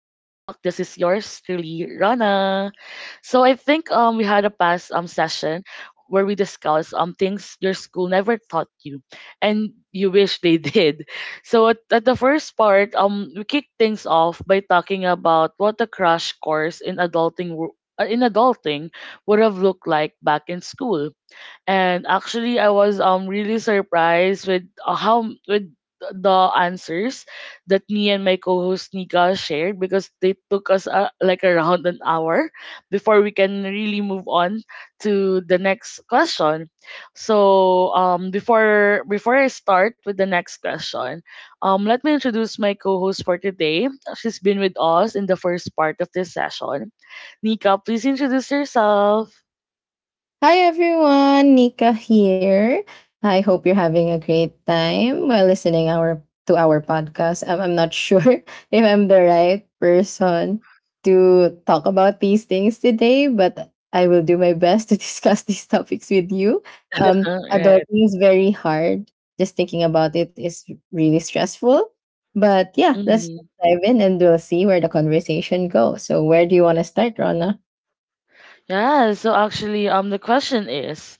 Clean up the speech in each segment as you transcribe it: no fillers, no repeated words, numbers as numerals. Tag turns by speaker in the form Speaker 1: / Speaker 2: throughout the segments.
Speaker 1: Rana. So I think we had a past session where we discussed things your school never taught you and you wish they did. So at the first part, we kicked things off by talking about what a crash course in adulting would have looked like back in school, and actually I was really surprised with how with the answers that me and my co-host Nika shared, because they took us like around an hour before we can really move on to the next question. So before I start with the next question, let me introduce my co-host for today. She's been with us in the first part of this session. Nika, please introduce yourself.
Speaker 2: Hi everyone, Nika here. I hope you're having a great time while listening our to our podcast. I'm not sure if I'm the right person to talk about these things today, but I will do my best to discuss these topics with you.
Speaker 1: All
Speaker 2: Adulting is very hard. Just thinking about it is really stressful. But yeah, let's
Speaker 1: right.
Speaker 2: dive in and we'll see where the conversation goes. So where do you want to start, Rona?
Speaker 1: Yeah, so actually, the question is,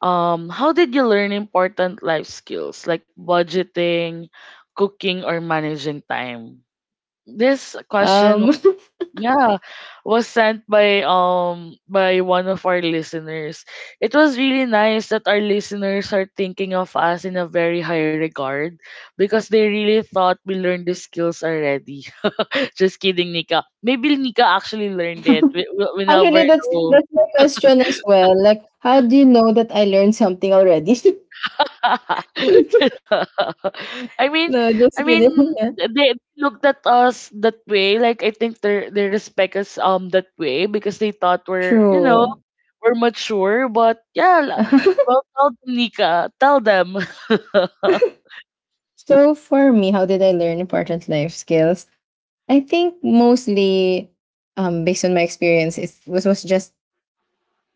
Speaker 1: how did you learn important life skills like budgeting, cooking, or managing time? This question,
Speaker 2: Um
Speaker 1: yeah, was sent by by one of our listeners. It was really nice that our listeners are thinking of us in a very high regard, because they really thought we learned the skills already. Just kidding, Nika. Maybe Nika actually learned it. We never
Speaker 2: Actually, that's
Speaker 1: know.
Speaker 2: that's my question as well. Like, how do you know that I learned something already?
Speaker 1: I mean,
Speaker 2: No, just
Speaker 1: I
Speaker 2: kidding.
Speaker 1: mean,
Speaker 2: Yeah.
Speaker 1: they looked at us that way. Like, I think they respect us that way because they thought we're
Speaker 2: True.
Speaker 1: we're mature. But yeah, la- well, tell them, Nika, tell them.
Speaker 2: So for me, how did I learn important life skills? I think mostly based on my experience, it was just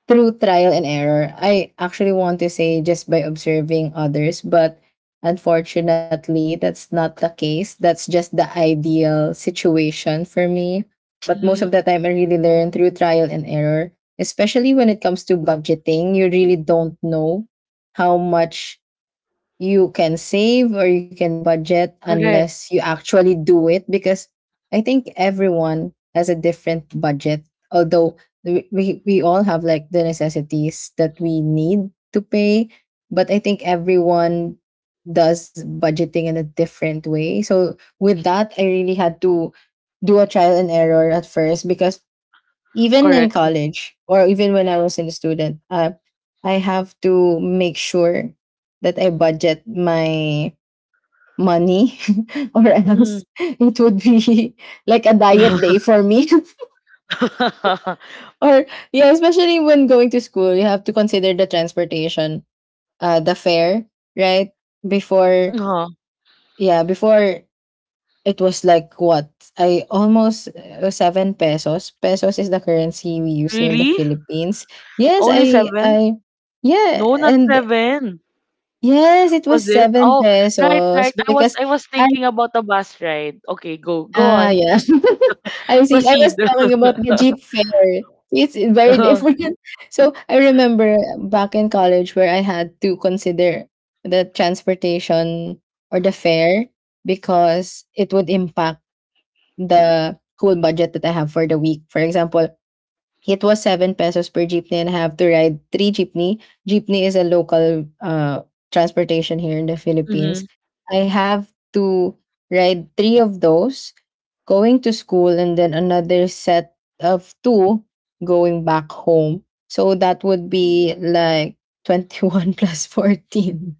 Speaker 2: through trial and error. I actually want to say just by observing others, but unfortunately, that's not the case. That's just the ideal situation for me. But most
Speaker 1: Hmm.
Speaker 2: of the time, I really learn through trial and error, especially when it comes to budgeting. You really don't know how much you can save or you can budget
Speaker 1: Correct,
Speaker 2: unless you actually do it, because I think everyone has a different budget. Although we all have like the necessities that we need to pay, but I think everyone does budgeting in a different way. So with that, I really had to do a trial and error at first, because even
Speaker 1: correct.
Speaker 2: in college or even when I was in a student, I have to make sure that I budget my money or
Speaker 1: Mm-hmm.
Speaker 2: else it would be like a diet day for me. Or yeah, especially when going to school, you have to consider the transportation, the fare, right? Before
Speaker 1: Oh,
Speaker 2: yeah, before it was like what? I almost 7 pesos. Pesos is the currency we use here in the
Speaker 1: really?
Speaker 2: Philippines. Yes,
Speaker 1: Only
Speaker 2: I
Speaker 1: seven?
Speaker 2: I
Speaker 1: No,
Speaker 2: yeah,
Speaker 1: not
Speaker 2: and
Speaker 1: seven.
Speaker 2: yes, it
Speaker 1: Was
Speaker 2: was
Speaker 1: it?
Speaker 2: 7
Speaker 1: Oh, right, right.
Speaker 2: pesos
Speaker 1: I was
Speaker 2: because
Speaker 1: I was
Speaker 2: I
Speaker 1: thinking about the bus ride. Okay, go
Speaker 2: ah
Speaker 1: on.
Speaker 2: yeah. I see. I
Speaker 1: Proceed.
Speaker 2: was talking about the jeep fare. It's very different. So I remember back in college where I had to consider the transportation or the fare, because it would impact the whole budget that I have for the week. For example, it was 7 pesos per jeepney, and I have to ride 3 jeepney. Jeepney is a local transportation here in the Philippines.
Speaker 1: Hmm.
Speaker 2: I have to ride 3 of those going to school, and then another set of 2 going back home. So that would be like 21 plus 14,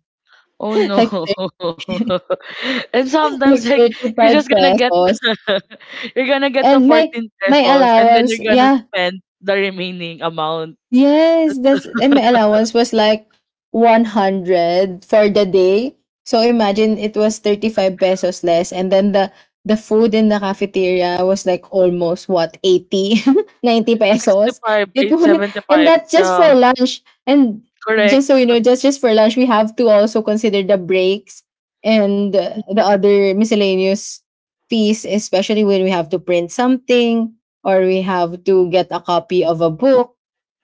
Speaker 1: Oh no.
Speaker 2: like 30,
Speaker 1: And
Speaker 2: like
Speaker 1: sometimes like you're
Speaker 2: 35
Speaker 1: just gonna get
Speaker 2: pesos.
Speaker 1: you're gonna get the
Speaker 2: And my
Speaker 1: 14
Speaker 2: my
Speaker 1: pesos and then
Speaker 2: allowance,
Speaker 1: you're gonna
Speaker 2: yeah,
Speaker 1: spend the remaining amount.
Speaker 2: yes, that's and my allowance was like 100 for the day. So imagine it was 35 pesos less, and then the food in the cafeteria was like almost what 80 90 pesos.
Speaker 1: 65,
Speaker 2: It would and
Speaker 1: 875.
Speaker 2: that's just
Speaker 1: Yeah,
Speaker 2: for lunch and just so
Speaker 1: correct.
Speaker 2: you know, just for lunch we have to also consider the breaks and the other miscellaneous fees, especially when we have to print something or we have to get a copy of a book.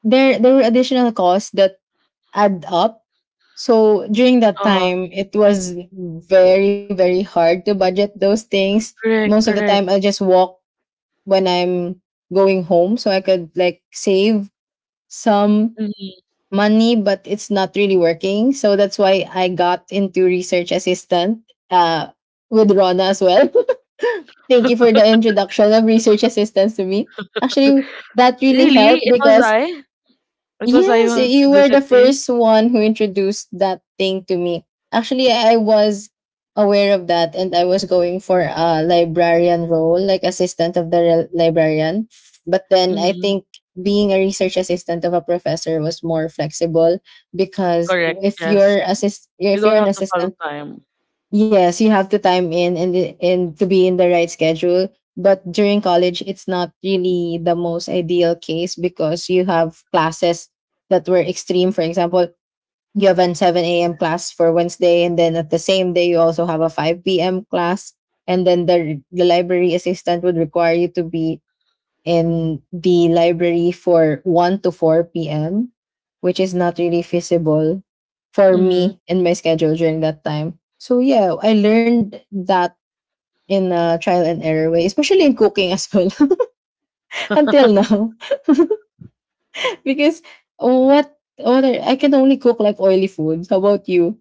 Speaker 2: There were additional costs that add up. So during that
Speaker 1: Uh-huh.
Speaker 2: time, it was very very hard to budget those things.
Speaker 1: Correct,
Speaker 2: Most of the time,
Speaker 1: correct.
Speaker 2: I just walk when I'm going home, so I could like save some
Speaker 1: Hmm.
Speaker 2: money, but it's not really working. So that's why I got into research assistant uh, with Rona as well. Thank you for the introduction of research assistants to me. Actually, that really
Speaker 1: Really?
Speaker 2: helped
Speaker 1: It was
Speaker 2: because
Speaker 1: I? It was I who
Speaker 2: yes, you were
Speaker 1: introduced it
Speaker 2: the
Speaker 1: to you?
Speaker 2: first one who introduced that thing to me. Actually, I was aware of that and I was going for a librarian role, like assistant of the librarian. But then I
Speaker 1: Hmm.
Speaker 2: think being a research assistant of a professor was more flexible because
Speaker 1: Correct, yes. You
Speaker 2: if
Speaker 1: don't
Speaker 2: you're an
Speaker 1: have to follow
Speaker 2: assistant,
Speaker 1: time.
Speaker 2: yes, you have to time in and and to be in the right schedule. But during college, it's not really the most ideal case because you have classes that were extreme. For example, you have an 7 a.m. class for Wednesday, and then at the same day, you also have a 5 p.m. class. And then the library assistant would require you to be in the library for 1 to 4 p.m., which is not really feasible for
Speaker 1: Mm-hmm.
Speaker 2: me and my schedule during that time. So yeah, I learned that in a trial and error way, especially in cooking as well until now. Because I can only cook like oily foods. How about you?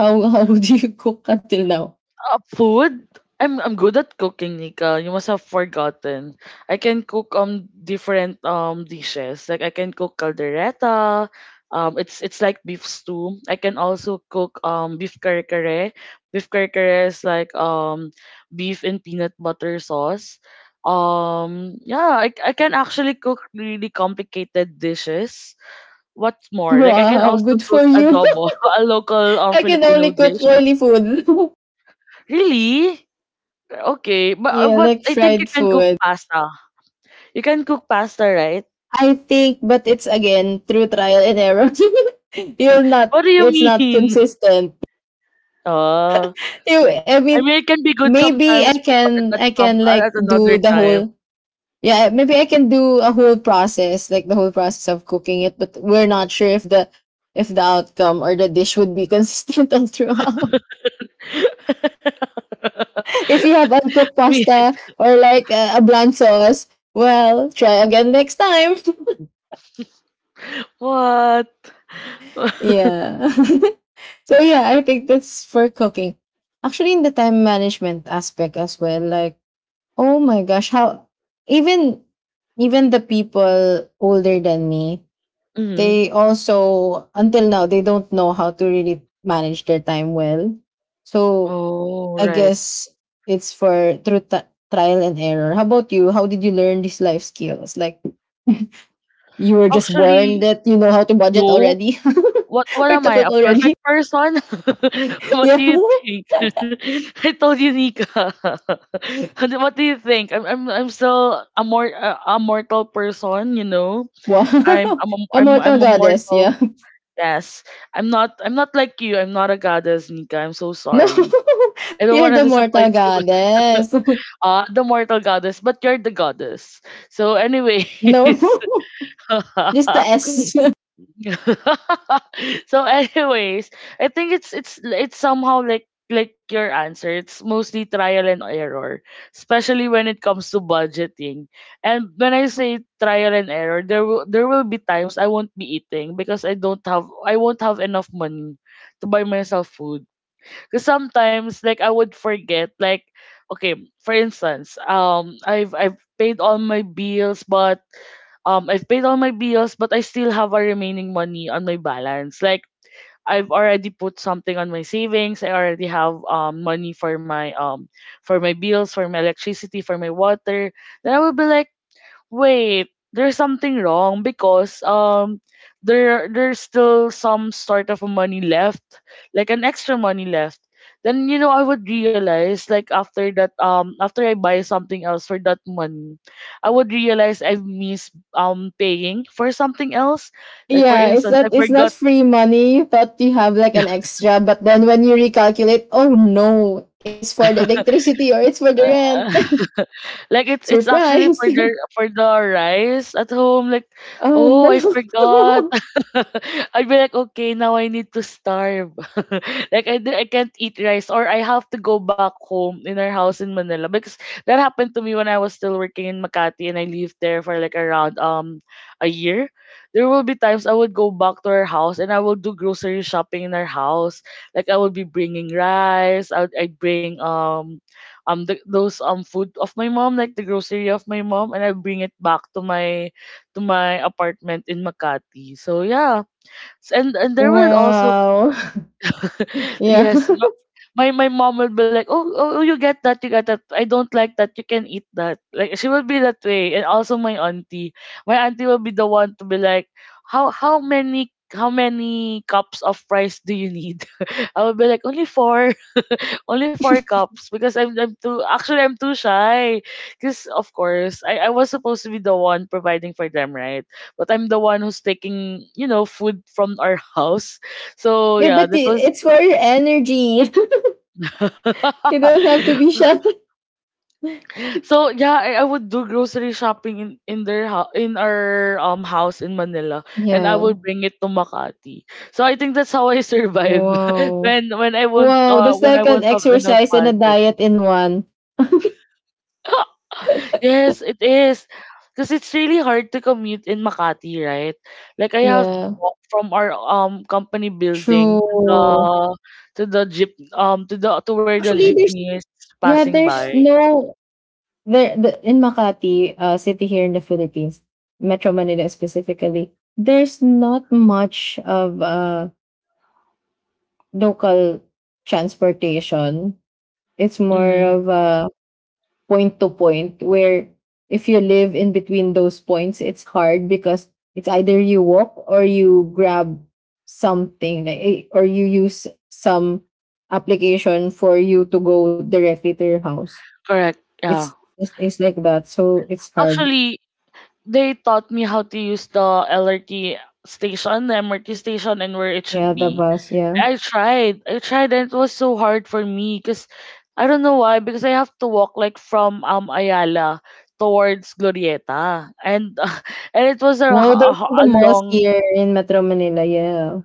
Speaker 2: How do you cook until now?
Speaker 1: Food? I'm good at cooking, Nika. You must have forgotten. I can cook different dishes. Like I can cook caldereta. It's like beef stew. I can also cook beef kare kare. Beef kare kare is like beef and peanut butter sauce. Yeah, I can actually cook really complicated dishes. What's more, like I can
Speaker 2: Wow,
Speaker 1: also
Speaker 2: good for
Speaker 1: cook
Speaker 2: you.
Speaker 1: adobo, a local
Speaker 2: I can only
Speaker 1: Filipino
Speaker 2: cook
Speaker 1: dish.
Speaker 2: oily food.
Speaker 1: Really? Okay,
Speaker 2: Yeah,
Speaker 1: but
Speaker 2: like
Speaker 1: I think you
Speaker 2: fried
Speaker 1: can cook
Speaker 2: food.
Speaker 1: pasta. You can cook pasta, right?
Speaker 2: I think, but it's again through trial and error. You'll not.
Speaker 1: What do you
Speaker 2: It's not
Speaker 1: mean?
Speaker 2: consistent.
Speaker 1: Oh,
Speaker 2: You, I
Speaker 1: I
Speaker 2: mean,
Speaker 1: mean it can be good
Speaker 2: maybe I
Speaker 1: sometimes, but
Speaker 2: can.
Speaker 1: bad at
Speaker 2: I
Speaker 1: some
Speaker 2: can like
Speaker 1: at
Speaker 2: do
Speaker 1: another
Speaker 2: the
Speaker 1: time.
Speaker 2: whole. Yeah, maybe I can do a whole process, like the whole process of cooking it. But we're not sure if the outcome or the dish would be consistent all throughout. If you have uncooked
Speaker 1: I mean,
Speaker 2: pasta or like a bland sauce, well, try again next time.
Speaker 1: what?
Speaker 2: Yeah. So yeah, I think that's for cooking. Actually, in the time management aspect as well, like oh my gosh, how even even the people older than me,
Speaker 1: Mhm.
Speaker 2: they also until now they don't know how to really manage their time well. So
Speaker 1: Oh,
Speaker 2: I
Speaker 1: right.
Speaker 2: guess it's for through trial and error. How about you? How did you learn these life skills? Like you were just born
Speaker 1: Actually,
Speaker 2: that you know how to budget
Speaker 1: no.
Speaker 2: already
Speaker 1: What
Speaker 2: or
Speaker 1: am
Speaker 2: to
Speaker 1: I,
Speaker 2: cook
Speaker 1: a
Speaker 2: already?
Speaker 1: perfect person? What
Speaker 2: Yeah.
Speaker 1: do you think? I told you, Nika. And what do you think? I'm still a mortal person, you know.
Speaker 2: Wow!
Speaker 1: I'm I'm a,
Speaker 2: A
Speaker 1: I'm I'm
Speaker 2: mortal
Speaker 1: a
Speaker 2: goddess,
Speaker 1: mortal.
Speaker 2: yeah.
Speaker 1: Yes, I'm not like you. I'm not a goddess, Nika. I'm so
Speaker 2: No,
Speaker 1: sorry. I don't want
Speaker 2: you're
Speaker 1: to
Speaker 2: the
Speaker 1: disappoint
Speaker 2: mortal
Speaker 1: you. But,
Speaker 2: goddess.
Speaker 1: the mortal goddess, but you're the goddess. So, anyways,
Speaker 2: No, just the S.
Speaker 1: so anyways, I think it's somehow like your answer, it's mostly trial and error, especially when it comes to budgeting. And when I say trial and error, there will be times I won't be eating because I won't have enough money to buy myself food. Because sometimes like I would forget, like, okay, for instance, I've paid all my bills, but I still have a remaining money on my balance. Like, I've already put something on my savings. I already have money for my bills, for my electricity, for my water. Then I will be like, wait, there's something wrong because there there's still some sort of a money left, like an extra money left. Then you know I would realize like after that after I buy something else for that money, I would realize I've missed paying for something else. Like for
Speaker 2: Yeah,
Speaker 1: instance, I
Speaker 2: it's
Speaker 1: forgot.
Speaker 2: not free money. You thought you have like an extra, but then when you recalculate, oh no, it's for the electricity or it's for the rent.
Speaker 1: Uh, like it's actually
Speaker 2: Surprise.
Speaker 1: for the for the rice at home. Like,
Speaker 2: Oh
Speaker 1: oh, I
Speaker 2: no.
Speaker 1: forgot. I'd be like, okay, now I need to starve. Like I can't eat rice, or I have to go back home in our house in Manila, because that happened to me when I was still working in Makati and I lived there for like around a year. There will be times I would go back to our house and I will do grocery shopping in our house. Like, I would be bringing rice. I bring those food of my mom, like the grocery of my mom, and I bring it back to my apartment in Makati. So yeah, and there will also
Speaker 2: Wow. Yeah.
Speaker 1: yes. My, my mom will be like, oh, oh, oh, you get that, you get that. I don't like that. You can eat that. Like, she will be that way, and also my auntie. My auntie will be the one to be like, how many cups of rice do you need? I will be like, only four. Only four cups because I'm too shy. Cause of course I was supposed to be the one providing for them, right? But I'm the one who's taking, you know, food from our house. So
Speaker 2: Yeah,
Speaker 1: yeah,
Speaker 2: but
Speaker 1: that was
Speaker 2: it's for your energy. You don't have to be shut.
Speaker 1: so yeah, I would do grocery shopping in, in our house in Manila, and I would
Speaker 2: Yeah.
Speaker 1: bring it to Makati. So I think that's how I survive
Speaker 2: Wow.
Speaker 1: when when I won't
Speaker 2: Wow,
Speaker 1: uh
Speaker 2: that's
Speaker 1: when I
Speaker 2: like an
Speaker 1: won't have enough
Speaker 2: exercise and a
Speaker 1: budget.
Speaker 2: diet in one.
Speaker 1: Yes, it is. Because it's really hard to commute in Makati, right? Like I have to
Speaker 2: Yeah,
Speaker 1: walk from our company building
Speaker 2: true.
Speaker 1: to the jeep to the to where the
Speaker 2: Actually, there's
Speaker 1: jeepney is
Speaker 2: yeah,
Speaker 1: passing by.
Speaker 2: there's no there in Makati, city here in the Philippines, Metro Manila specifically. There's not much of local transportation. It's more
Speaker 1: Mm,
Speaker 2: of a point to point, where if you live in between those points, it's hard because it's either you walk or you grab something like eh, or you use some application for you to go directly to your house.
Speaker 1: correct. Yeah.
Speaker 2: It's it's like that, so it's hard.
Speaker 1: Actually, they taught me how to use the LRT station, the MRT station, and where it should
Speaker 2: Yeah, the
Speaker 1: be.
Speaker 2: bus. Yeah.
Speaker 1: I tried. I tried and it was so hard for me because I don't know why, because I have to walk like from Ayala towards Glorieta, and and it was a, a,
Speaker 2: Well, those are the
Speaker 1: a
Speaker 2: malls
Speaker 1: long
Speaker 2: here in Metro Manila. Yeah,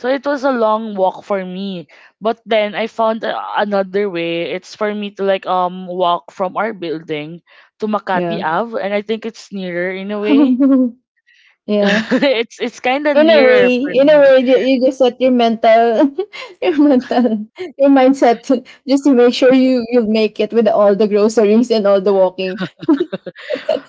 Speaker 1: so it was a long walk for me. But then I found another way, it's for me to like walk from our building to Makati
Speaker 2: yeah,
Speaker 1: Ave, and I think it's nearer in a way.
Speaker 2: yeah.
Speaker 1: It's kind of
Speaker 2: In a
Speaker 1: nearer
Speaker 2: way,
Speaker 1: for
Speaker 2: in a
Speaker 1: me.
Speaker 2: way, you just let your mental, your mental, your mindset, just to make sure you you make it with all the groceries and all the walking.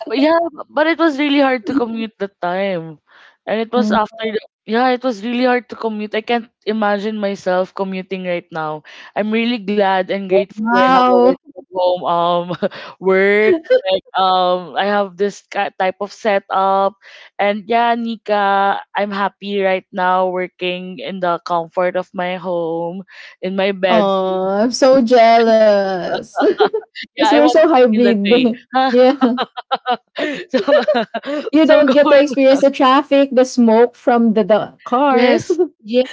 Speaker 1: But yeah, but it was really hard to commute that time. And it was
Speaker 2: Mm.
Speaker 1: after the, yeah, it was really hard to commute. I can't imagine myself commuting right now. I'm really glad and grateful I have a work
Speaker 2: Wow!
Speaker 1: from home work. Like, I have this type of setup. And yeah, Nika, I'm happy right now working in the comfort of my home, in my bed.
Speaker 2: Oh, I'm so jealous
Speaker 1: Yeah,
Speaker 2: because
Speaker 1: I
Speaker 2: we're
Speaker 1: want
Speaker 2: so
Speaker 1: to feel that way.
Speaker 2: hybrid. Yeah,
Speaker 1: So
Speaker 2: you
Speaker 1: so
Speaker 2: don't get to
Speaker 1: going
Speaker 2: experience the traffic, the smoke from the cars.
Speaker 1: Yes. Yes,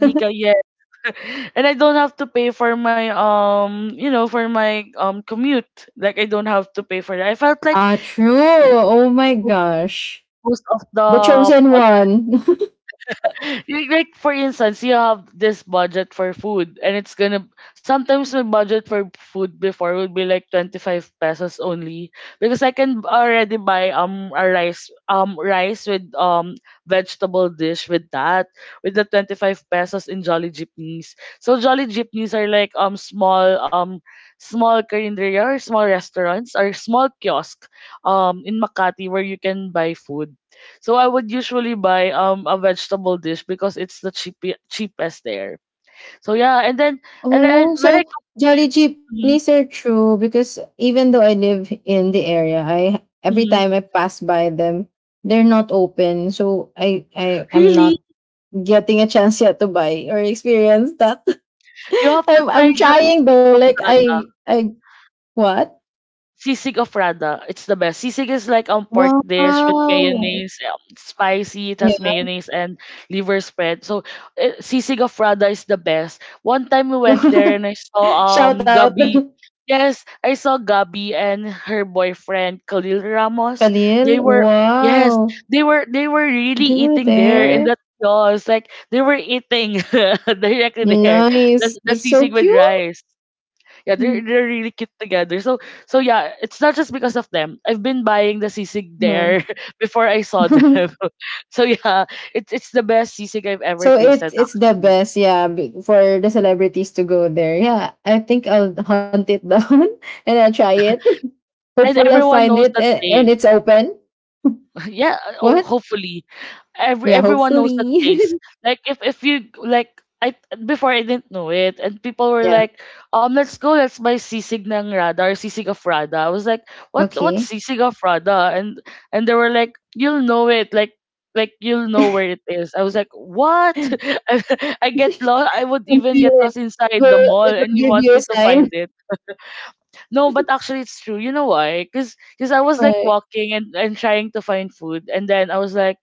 Speaker 1: Nika, yes. And I don't have to pay for my you know, for my commute. Like, I don't have to pay for that. I felt like
Speaker 2: Ah, true. Oh my
Speaker 1: most
Speaker 2: gosh,
Speaker 1: most of the
Speaker 2: the chosen one.
Speaker 1: You- Like for instance, you have this budget for food and it's gonna sometimes my budget for food before would be like 25 pesos only, because I can already buy a rice with vegetable dish with that with the 25 pesos in Jolly Jeepneys. So Jolly Jeepneys are like small carinderia or small restaurants or small kiosk in Makati where you can buy food, so I would usually buy a vegetable dish because it's the cheapest there. So yeah, and then
Speaker 2: Oh,
Speaker 1: when I
Speaker 2: so
Speaker 1: compute,
Speaker 2: Jollibee, please
Speaker 1: mhm,
Speaker 2: are true, because even though I live in the area, I every
Speaker 1: mhm.
Speaker 2: time I pass by them, they're not open. So I'm
Speaker 1: Really,
Speaker 2: not getting a chance yet to buy or experience that.
Speaker 1: you have to try
Speaker 2: I'm
Speaker 1: the
Speaker 2: trying
Speaker 1: sisig
Speaker 2: though.
Speaker 1: of
Speaker 2: Like
Speaker 1: nata.
Speaker 2: I what?
Speaker 1: Sisig of Prada. It's the best. Sisig is like pork dish with
Speaker 2: Wow.
Speaker 1: mayonnaise, spicy. It has
Speaker 2: Yeah.
Speaker 1: mayonnaise and liver spread. So sisig of Prada is the best. One time we went there and I saw
Speaker 2: Shout out
Speaker 1: Gabi. Yes, I saw Gabi and her boyfriend Khalil Ramos. They
Speaker 2: Khalil.
Speaker 1: were yes,
Speaker 2: Wow.
Speaker 1: they were
Speaker 2: They
Speaker 1: really
Speaker 2: were
Speaker 1: eating there in
Speaker 2: there.
Speaker 1: that kiosk. Like, they were eating directly there.
Speaker 2: Nice.
Speaker 1: The
Speaker 2: That's so
Speaker 1: sisig with
Speaker 2: cute.
Speaker 1: rice. Yeah, they're
Speaker 2: Mm,
Speaker 1: they're really cute together. So so yeah, it's not just because of them. I've been buying the sisig
Speaker 2: wow.
Speaker 1: there before I saw them. So yeah, it's the best sisig I've ever
Speaker 2: So it
Speaker 1: tasted
Speaker 2: it's the
Speaker 1: actually.
Speaker 2: best, yeah, for the celebrities to go there. Yeah, I think I'll hunt it down and I'll try it.
Speaker 1: And
Speaker 2: Hopefully, I'll
Speaker 1: everyone
Speaker 2: find
Speaker 1: knows
Speaker 2: it
Speaker 1: that
Speaker 2: and
Speaker 1: place.
Speaker 2: it's open.
Speaker 1: Yeah, oh,
Speaker 2: What?
Speaker 1: hopefully. Every
Speaker 2: Yeah,
Speaker 1: everyone knows that place.
Speaker 2: hopefully.
Speaker 1: Like if you like, I before I didn't know it and people were
Speaker 2: Yeah.
Speaker 1: like, let's go, let's buy sisig ng Rada or sisig of Rada. I was like, what's
Speaker 2: Okay.
Speaker 1: sisig of Rada? And they were like, you'll know it, like you'll know where it is. I was like, what?
Speaker 2: And
Speaker 1: I I get lost. I would even get
Speaker 2: you-
Speaker 1: lost
Speaker 2: it
Speaker 1: inside the
Speaker 2: will
Speaker 1: mall,
Speaker 2: it
Speaker 1: and
Speaker 2: will
Speaker 1: you
Speaker 2: give
Speaker 1: want
Speaker 2: you
Speaker 1: me
Speaker 2: a
Speaker 1: to find
Speaker 2: sign.
Speaker 1: it? No, but actually, it's true. You know why? Because I was like
Speaker 2: Right.
Speaker 1: walking and trying to find food, and then I was like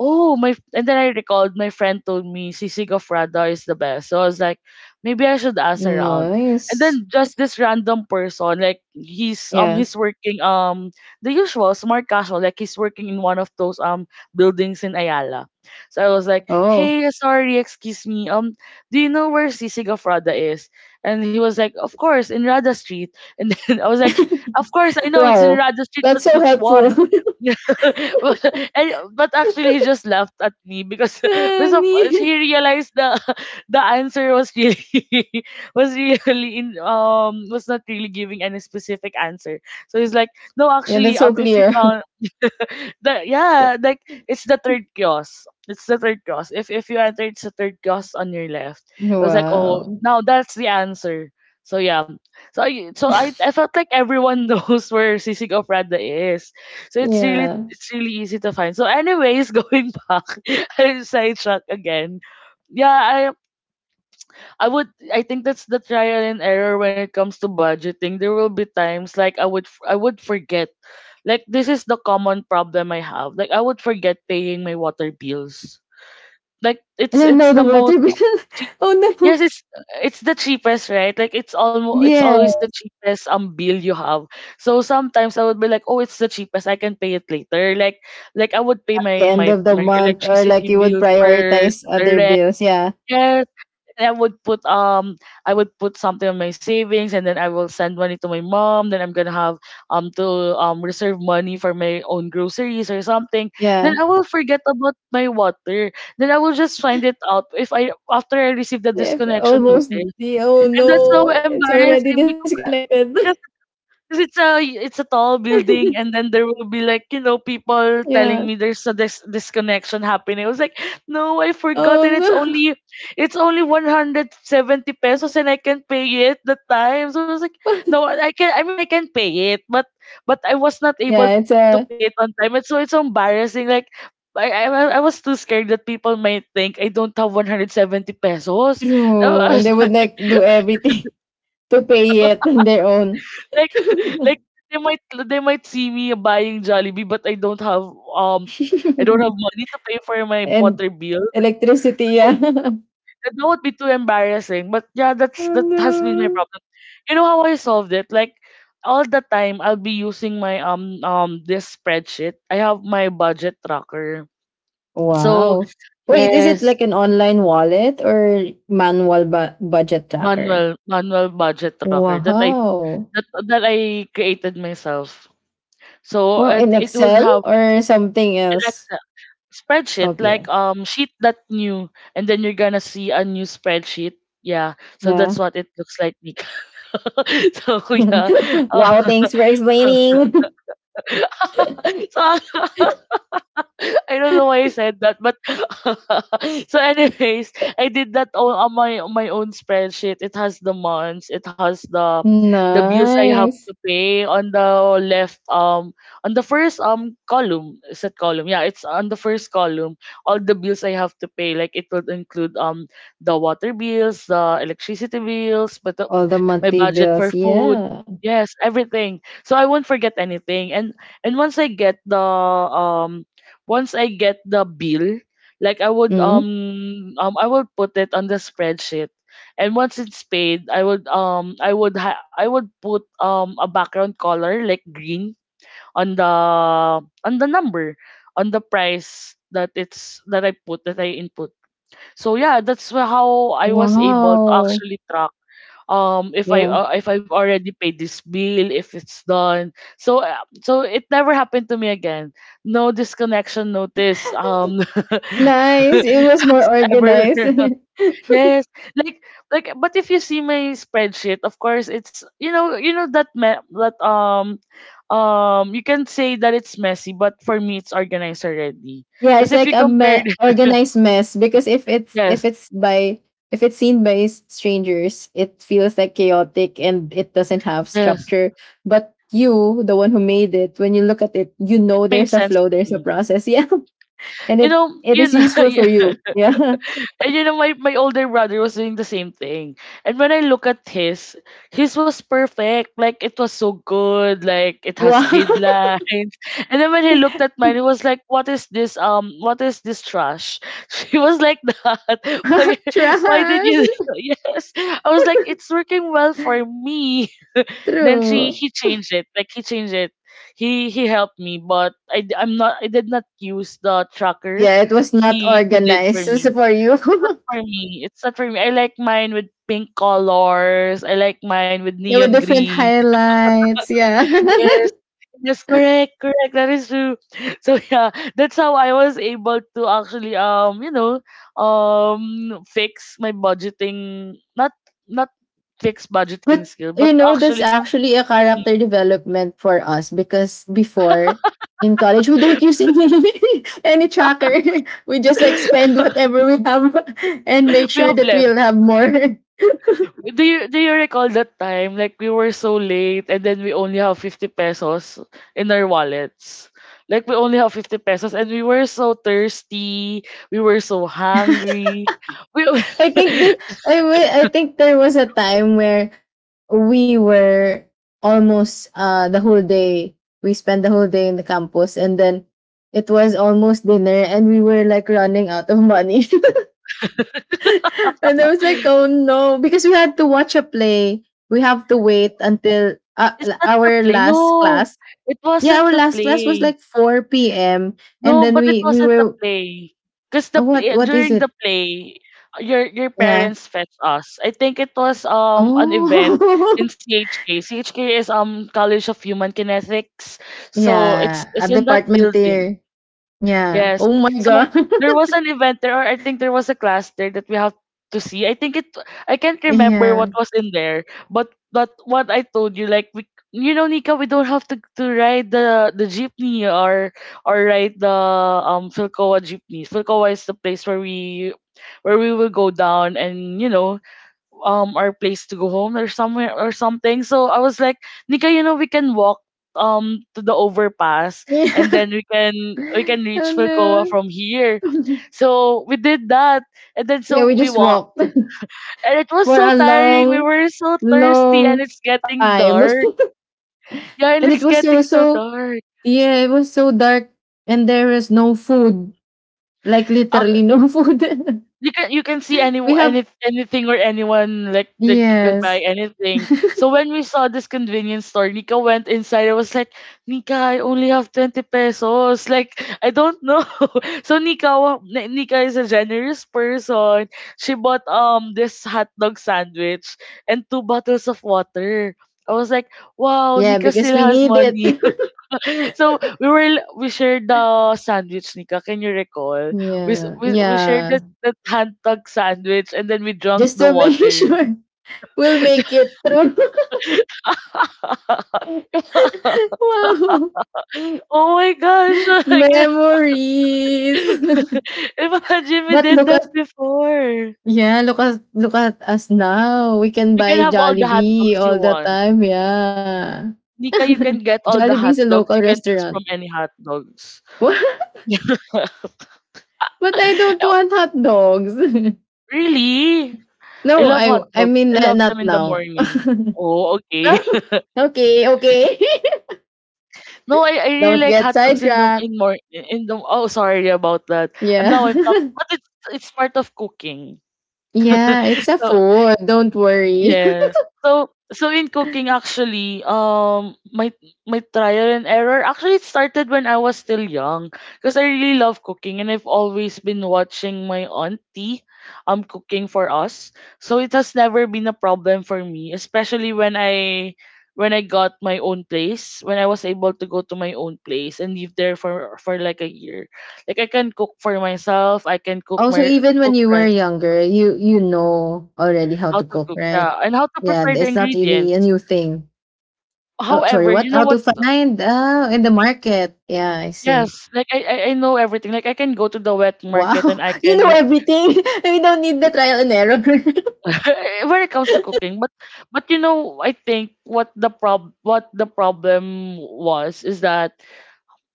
Speaker 1: and then I recalled my friend told me sisig of Rada is the best. So I was like, maybe I should ask around. And then
Speaker 2: Nice.
Speaker 1: just this random person, like he's
Speaker 2: Yeah.
Speaker 1: um he's working, the usual smart casual, like he's working in one of those buildings in Ayala. So I was like,
Speaker 2: Oh.
Speaker 1: hey, sorry, excuse me. Do you know where sisig of Rada is? And he was like, of course, in Rada Street. And then I was like, of course, I know it's in
Speaker 2: Wow.
Speaker 1: Rada Street, but
Speaker 2: That's so
Speaker 1: which one?
Speaker 2: helpful.
Speaker 1: But- but actually, he just laughed at me because because of, she
Speaker 2: Nani?
Speaker 1: realized the the answer was really was really in was not really giving any specific answer. So he's like, no,
Speaker 2: Yeah, that's
Speaker 1: actually,
Speaker 2: so
Speaker 1: if you
Speaker 2: clear.
Speaker 1: count like it's the third kiosk. It's the third kiosk. If you enter, it's the third kiosk on your left. I was like, oh,
Speaker 2: Wow.
Speaker 1: now that's the answer. So yeah, I felt like everyone knows where Sisig of Rada is. So it's
Speaker 2: Yeah.
Speaker 1: really easy to find. So anyways, going back, I'm sidetracked again. Yeah, I think that's the trial and error when it comes to budgeting. There will be times like I would forget, like this is the common problem I have. Like I would forget paying my water bills. Like
Speaker 2: And
Speaker 1: it's
Speaker 2: then
Speaker 1: it's
Speaker 2: now the
Speaker 1: the
Speaker 2: water
Speaker 1: most
Speaker 2: bill.
Speaker 1: chea-
Speaker 2: Oh
Speaker 1: yes,
Speaker 2: no.
Speaker 1: it's the cheapest, right? Like it's almost it's
Speaker 2: Yeah.
Speaker 1: always the cheapest bill you have. So sometimes I would be like, oh, it's the cheapest, I can pay it later. Like I would pay
Speaker 2: The
Speaker 1: my
Speaker 2: end
Speaker 1: my
Speaker 2: of the
Speaker 1: my
Speaker 2: month or like
Speaker 1: electricity
Speaker 2: you would
Speaker 1: bills first,
Speaker 2: prioritize
Speaker 1: the
Speaker 2: other
Speaker 1: rent.
Speaker 2: bills. Yeah.
Speaker 1: Yes, and I would put something on my savings, and then I will send money to my mom. Then I'm gonna have to reserve money for my own groceries or something. Then
Speaker 2: Yeah.
Speaker 1: I will forget about my water. Then I will just find it out if I after I receive the
Speaker 2: Yeah,
Speaker 1: disconnection
Speaker 2: almost
Speaker 1: notice.
Speaker 2: the oh
Speaker 1: And that's so
Speaker 2: no. It's already
Speaker 1: embarrassing because
Speaker 2: disconnected.
Speaker 1: 'cause it's a tall building, and then there will be like, you know, people
Speaker 2: Yeah.
Speaker 1: telling me there's a disconnection happening. I was like, no, I
Speaker 2: Oh
Speaker 1: forgot, and
Speaker 2: no.
Speaker 1: it's only 170 pesos, and I can pay it the time. So I was like, no, I can. I mean, I can pay it, but I was not
Speaker 2: Yeah.
Speaker 1: able
Speaker 2: It's
Speaker 1: to pay it on time, and so it's embarrassing. Like. I was too scared that people might think I don't have 170 pesos.
Speaker 2: true. And they would like do everything to pay it on their own.
Speaker 1: Like like they might they might see me buying Jollibee, but um I don't have money to pay for my
Speaker 2: And
Speaker 1: water bill. That
Speaker 2: electricity.
Speaker 1: would
Speaker 2: Yeah.
Speaker 1: that would be too embarrassing. But yeah,
Speaker 2: Oh
Speaker 1: that has been my
Speaker 2: no.
Speaker 1: problem. You know how I solved it? Like all the time I'll be using my this spreadsheet. I have my budget tracker. So
Speaker 2: Wow. Wait, is it
Speaker 1: yes,
Speaker 2: like an online wallet or manual budget tracker?
Speaker 1: manual budget tracker
Speaker 2: Wow.
Speaker 1: that I created myself. So
Speaker 2: Wow, in
Speaker 1: it would
Speaker 2: Excel
Speaker 1: have
Speaker 2: or something else?
Speaker 1: an spreadsheet like
Speaker 2: Okay.
Speaker 1: sheet that new, and then you're gonna see a new spreadsheet. Yeah, so that's
Speaker 2: Yeah.
Speaker 1: what it looks like, Nick. So yeah, uh,
Speaker 2: Wow, thanks for explaining.
Speaker 1: so I don't know why I said that, but so anyways, I did that all on my own spreadsheet. It has the months, it has the bills I have to
Speaker 2: Nice.
Speaker 1: pay on the left, on the first column. Is that column? Yeah, it's on the first column. All the bills I have to pay. Like it will include the water bills, the electricity bills, but
Speaker 2: All the
Speaker 1: my
Speaker 2: monthly
Speaker 1: budget for
Speaker 2: bills.
Speaker 1: food.
Speaker 2: Yeah.
Speaker 1: Yes, everything. So I won't forget anything. And once I get the once I get the bill, like
Speaker 2: Mm.
Speaker 1: I would put it on the spreadsheet. And once it's paid, I would I would put a background color like green on the on the number on the price that I put that I input. So yeah, that's how I was able to
Speaker 2: Wow.
Speaker 1: actually track if I
Speaker 2: Yeah.
Speaker 1: if I've already paid this bill, if it's done. So so it never happened to me again. No disconnection notice
Speaker 2: Nice. It was
Speaker 1: has
Speaker 2: more
Speaker 1: ever
Speaker 2: organized.
Speaker 1: yes, like like but if you see my spreadsheet, of course, it's, you know, you know that you can say that it's messy, but for me it's organized already,
Speaker 2: Yeah,
Speaker 1: because
Speaker 2: it's
Speaker 1: if
Speaker 2: like
Speaker 1: you
Speaker 2: a
Speaker 1: compared
Speaker 2: organized mess because if
Speaker 1: yes,
Speaker 2: it's by if it's seen by strangers, it feels like chaotic and it doesn't have
Speaker 1: yes,
Speaker 2: structure. But you, the one who made it, when you look at it, you
Speaker 1: it
Speaker 2: know
Speaker 1: made
Speaker 2: there's a
Speaker 1: sense to
Speaker 2: flow, there's a
Speaker 1: me,
Speaker 2: process. Yeah. And
Speaker 1: you know,
Speaker 2: it
Speaker 1: you
Speaker 2: is
Speaker 1: know.
Speaker 2: useful for you. Yeah.
Speaker 1: And you know, my older brother was doing the same thing. And when I look at his was perfect. Like it was so good. Like it has
Speaker 2: Wow.
Speaker 1: guidelines. And then when he looked at mine, he was like, what is this? What is this trash? She was like that.
Speaker 2: Wow.
Speaker 1: Why
Speaker 2: Trash.
Speaker 1: why did you yes? I was like, it's working well for me. Then she
Speaker 2: True.
Speaker 1: he changed it. Like he changed it. He helped me, but I did not use the tracker
Speaker 2: Yeah, it was not
Speaker 1: he did for
Speaker 2: organized
Speaker 1: me,
Speaker 2: for you.
Speaker 1: not for me. It's not for me. I like mine with pink colors. I like mine with
Speaker 2: Yeah, with
Speaker 1: neon
Speaker 2: different
Speaker 1: green.
Speaker 2: highlights. Yeah.
Speaker 1: Yes. Yes, correct, correct. That is true. So yeah, that's how I was able to actually, you know, fix my budgeting, not not fix budgeting
Speaker 2: But
Speaker 1: skill, but
Speaker 2: you
Speaker 1: to
Speaker 2: know,
Speaker 1: actually
Speaker 2: that's actually a character development for us because before in college we don't use any, any tracker. We just like spend whatever we have and make
Speaker 1: we
Speaker 2: sure
Speaker 1: have
Speaker 2: that
Speaker 1: left.
Speaker 2: we'll have more.
Speaker 1: Do you recall that time? Like we were so late and then we only have 50 pesos in our wallets. Like we only have 50 pesos and we were so thirsty. We were so hungry. We
Speaker 2: I think that I wi- I think there was a time where we were almost the whole day. We spent the whole day in the campus, and then it was almost dinner and we were like running out of money. And I was like, oh no, because we had to watch a play. We have to wait until
Speaker 1: it's not the
Speaker 2: our
Speaker 1: play?
Speaker 2: last
Speaker 1: No.
Speaker 2: class.
Speaker 1: It
Speaker 2: Yeah,
Speaker 1: wasn't
Speaker 2: our
Speaker 1: the
Speaker 2: last class was
Speaker 1: play.
Speaker 2: like 4 p.m. And
Speaker 1: No,
Speaker 2: then
Speaker 1: but it
Speaker 2: we we
Speaker 1: wasn't the
Speaker 2: were
Speaker 1: play, cause the
Speaker 2: oh,
Speaker 1: play
Speaker 2: what is
Speaker 1: during the
Speaker 2: it?
Speaker 1: play, your
Speaker 2: Yeah.
Speaker 1: parents fetched us. I think it was an event in
Speaker 2: Oh.
Speaker 1: CHK. CHK is College of Human Kinetics. So it's
Speaker 2: Yeah, a
Speaker 1: it's in that
Speaker 2: department
Speaker 1: building.
Speaker 2: there. Yeah.
Speaker 1: Yes.
Speaker 2: Oh my
Speaker 1: So
Speaker 2: god.
Speaker 1: there was an event there, or I think there was a class there that we have to see. I think it. I can't remember
Speaker 2: Yeah.
Speaker 1: what was in there, but what I told you, like you know, Nika, we don't have to ride the jeepney or ride the Philcoa jeepney. Philcoa is the place where we will go down, and you know, our place to go home or somewhere or something. So I was like, Nika, you know, we can walk to the overpass, and
Speaker 2: Yeah.
Speaker 1: then we can
Speaker 2: Oh
Speaker 1: reach Filcoa
Speaker 2: no.
Speaker 1: from here. So we did that, and then
Speaker 2: Yeah,
Speaker 1: so
Speaker 2: we
Speaker 1: we
Speaker 2: just
Speaker 1: walked.
Speaker 2: walked
Speaker 1: And it was
Speaker 2: for
Speaker 1: so
Speaker 2: a
Speaker 1: tiring. We
Speaker 2: long
Speaker 1: were so thirsty and
Speaker 2: long
Speaker 1: it's getting
Speaker 2: time.
Speaker 1: dark. Yeah,
Speaker 2: And
Speaker 1: and
Speaker 2: it
Speaker 1: it's
Speaker 2: was
Speaker 1: getting so
Speaker 2: also
Speaker 1: dark.
Speaker 2: yeah, it was so dark and there is no food. Like literally no food.
Speaker 1: You can see
Speaker 2: We have
Speaker 1: anything or anyone, like you could buy
Speaker 2: yes.
Speaker 1: anything. So when we saw this convenience store, Nika went inside. I was like, Nika, I only have 20 pesos. Like I don't know. So Nika is a generous person. She bought this hot dog sandwich and two bottles of water. I was like, wow,
Speaker 2: Yeah,
Speaker 1: Nika
Speaker 2: because
Speaker 1: still
Speaker 2: we
Speaker 1: has
Speaker 2: need it.
Speaker 1: money. So we were l- we shared the sandwich, Nika. Can you recall?
Speaker 2: Yeah.
Speaker 1: We shared
Speaker 2: Yeah.
Speaker 1: that hotdog sandwich, and then we drank
Speaker 2: Just
Speaker 1: the
Speaker 2: to make
Speaker 1: water.
Speaker 2: sure we'll make it through. Wow.
Speaker 1: Oh my gosh! I can
Speaker 2: Memories.
Speaker 1: imagine we
Speaker 2: But
Speaker 1: did
Speaker 2: look
Speaker 1: that
Speaker 2: at
Speaker 1: before.
Speaker 2: yeah, look at us now. We can
Speaker 1: You can
Speaker 2: buy
Speaker 1: have all the hot
Speaker 2: Jollibee
Speaker 1: dogs you
Speaker 2: all the
Speaker 1: want.
Speaker 2: time. Yeah.
Speaker 1: Nika, you can get all the
Speaker 2: Jollibee is a
Speaker 1: hot
Speaker 2: local
Speaker 1: dogs. You can choose
Speaker 2: restaurant.
Speaker 1: from any hot dogs.
Speaker 2: What? But I don't
Speaker 1: Oh,
Speaker 2: want hot dogs.
Speaker 1: really? I
Speaker 2: No,
Speaker 1: love
Speaker 2: I
Speaker 1: hot
Speaker 2: I
Speaker 1: dogs.
Speaker 2: mean
Speaker 1: I
Speaker 2: not,
Speaker 1: love
Speaker 2: not
Speaker 1: them in the
Speaker 2: now.
Speaker 1: morning. Oh, okay.
Speaker 2: Okay, okay.
Speaker 1: No, I really
Speaker 2: Don't
Speaker 1: like
Speaker 2: get
Speaker 1: hot dogs in the
Speaker 2: sidetracked.
Speaker 1: in the, oh, sorry about that. I'm talking,
Speaker 2: Yeah.
Speaker 1: but it's part of cooking.
Speaker 2: Yeah, it's a
Speaker 1: So
Speaker 2: food. Don't worry.
Speaker 1: yes. So so in cooking actually, my my trial and error actually it started when I was still young, because I really love cooking and I've always been watching my auntie cooking for us. So it has never been a problem for me, especially when I got my own place, when I was able to go to my own place and live there for like a year. Like I can cook for myself, I can cook
Speaker 2: Also,
Speaker 1: my
Speaker 2: even when
Speaker 1: cook
Speaker 2: you were
Speaker 1: rice,
Speaker 2: younger, you know already how
Speaker 1: how
Speaker 2: to
Speaker 1: to
Speaker 2: cook,
Speaker 1: cook,
Speaker 2: right?
Speaker 1: yeah, and how to
Speaker 2: Yeah,
Speaker 1: prepare the
Speaker 2: it's not really a
Speaker 1: ingredients.
Speaker 2: new thing. Oh, sorry,
Speaker 1: However,
Speaker 2: what?
Speaker 1: you know
Speaker 2: How to
Speaker 1: what?
Speaker 2: find in the market. Yeah, I see.
Speaker 1: Yes, like I know everything. Like I can go to the wet market
Speaker 2: Wow.
Speaker 1: and I
Speaker 2: You know
Speaker 1: can
Speaker 2: everything. We don't need the trial and error.
Speaker 1: when it comes to cooking. But you know, I think what the prob what the problem was is that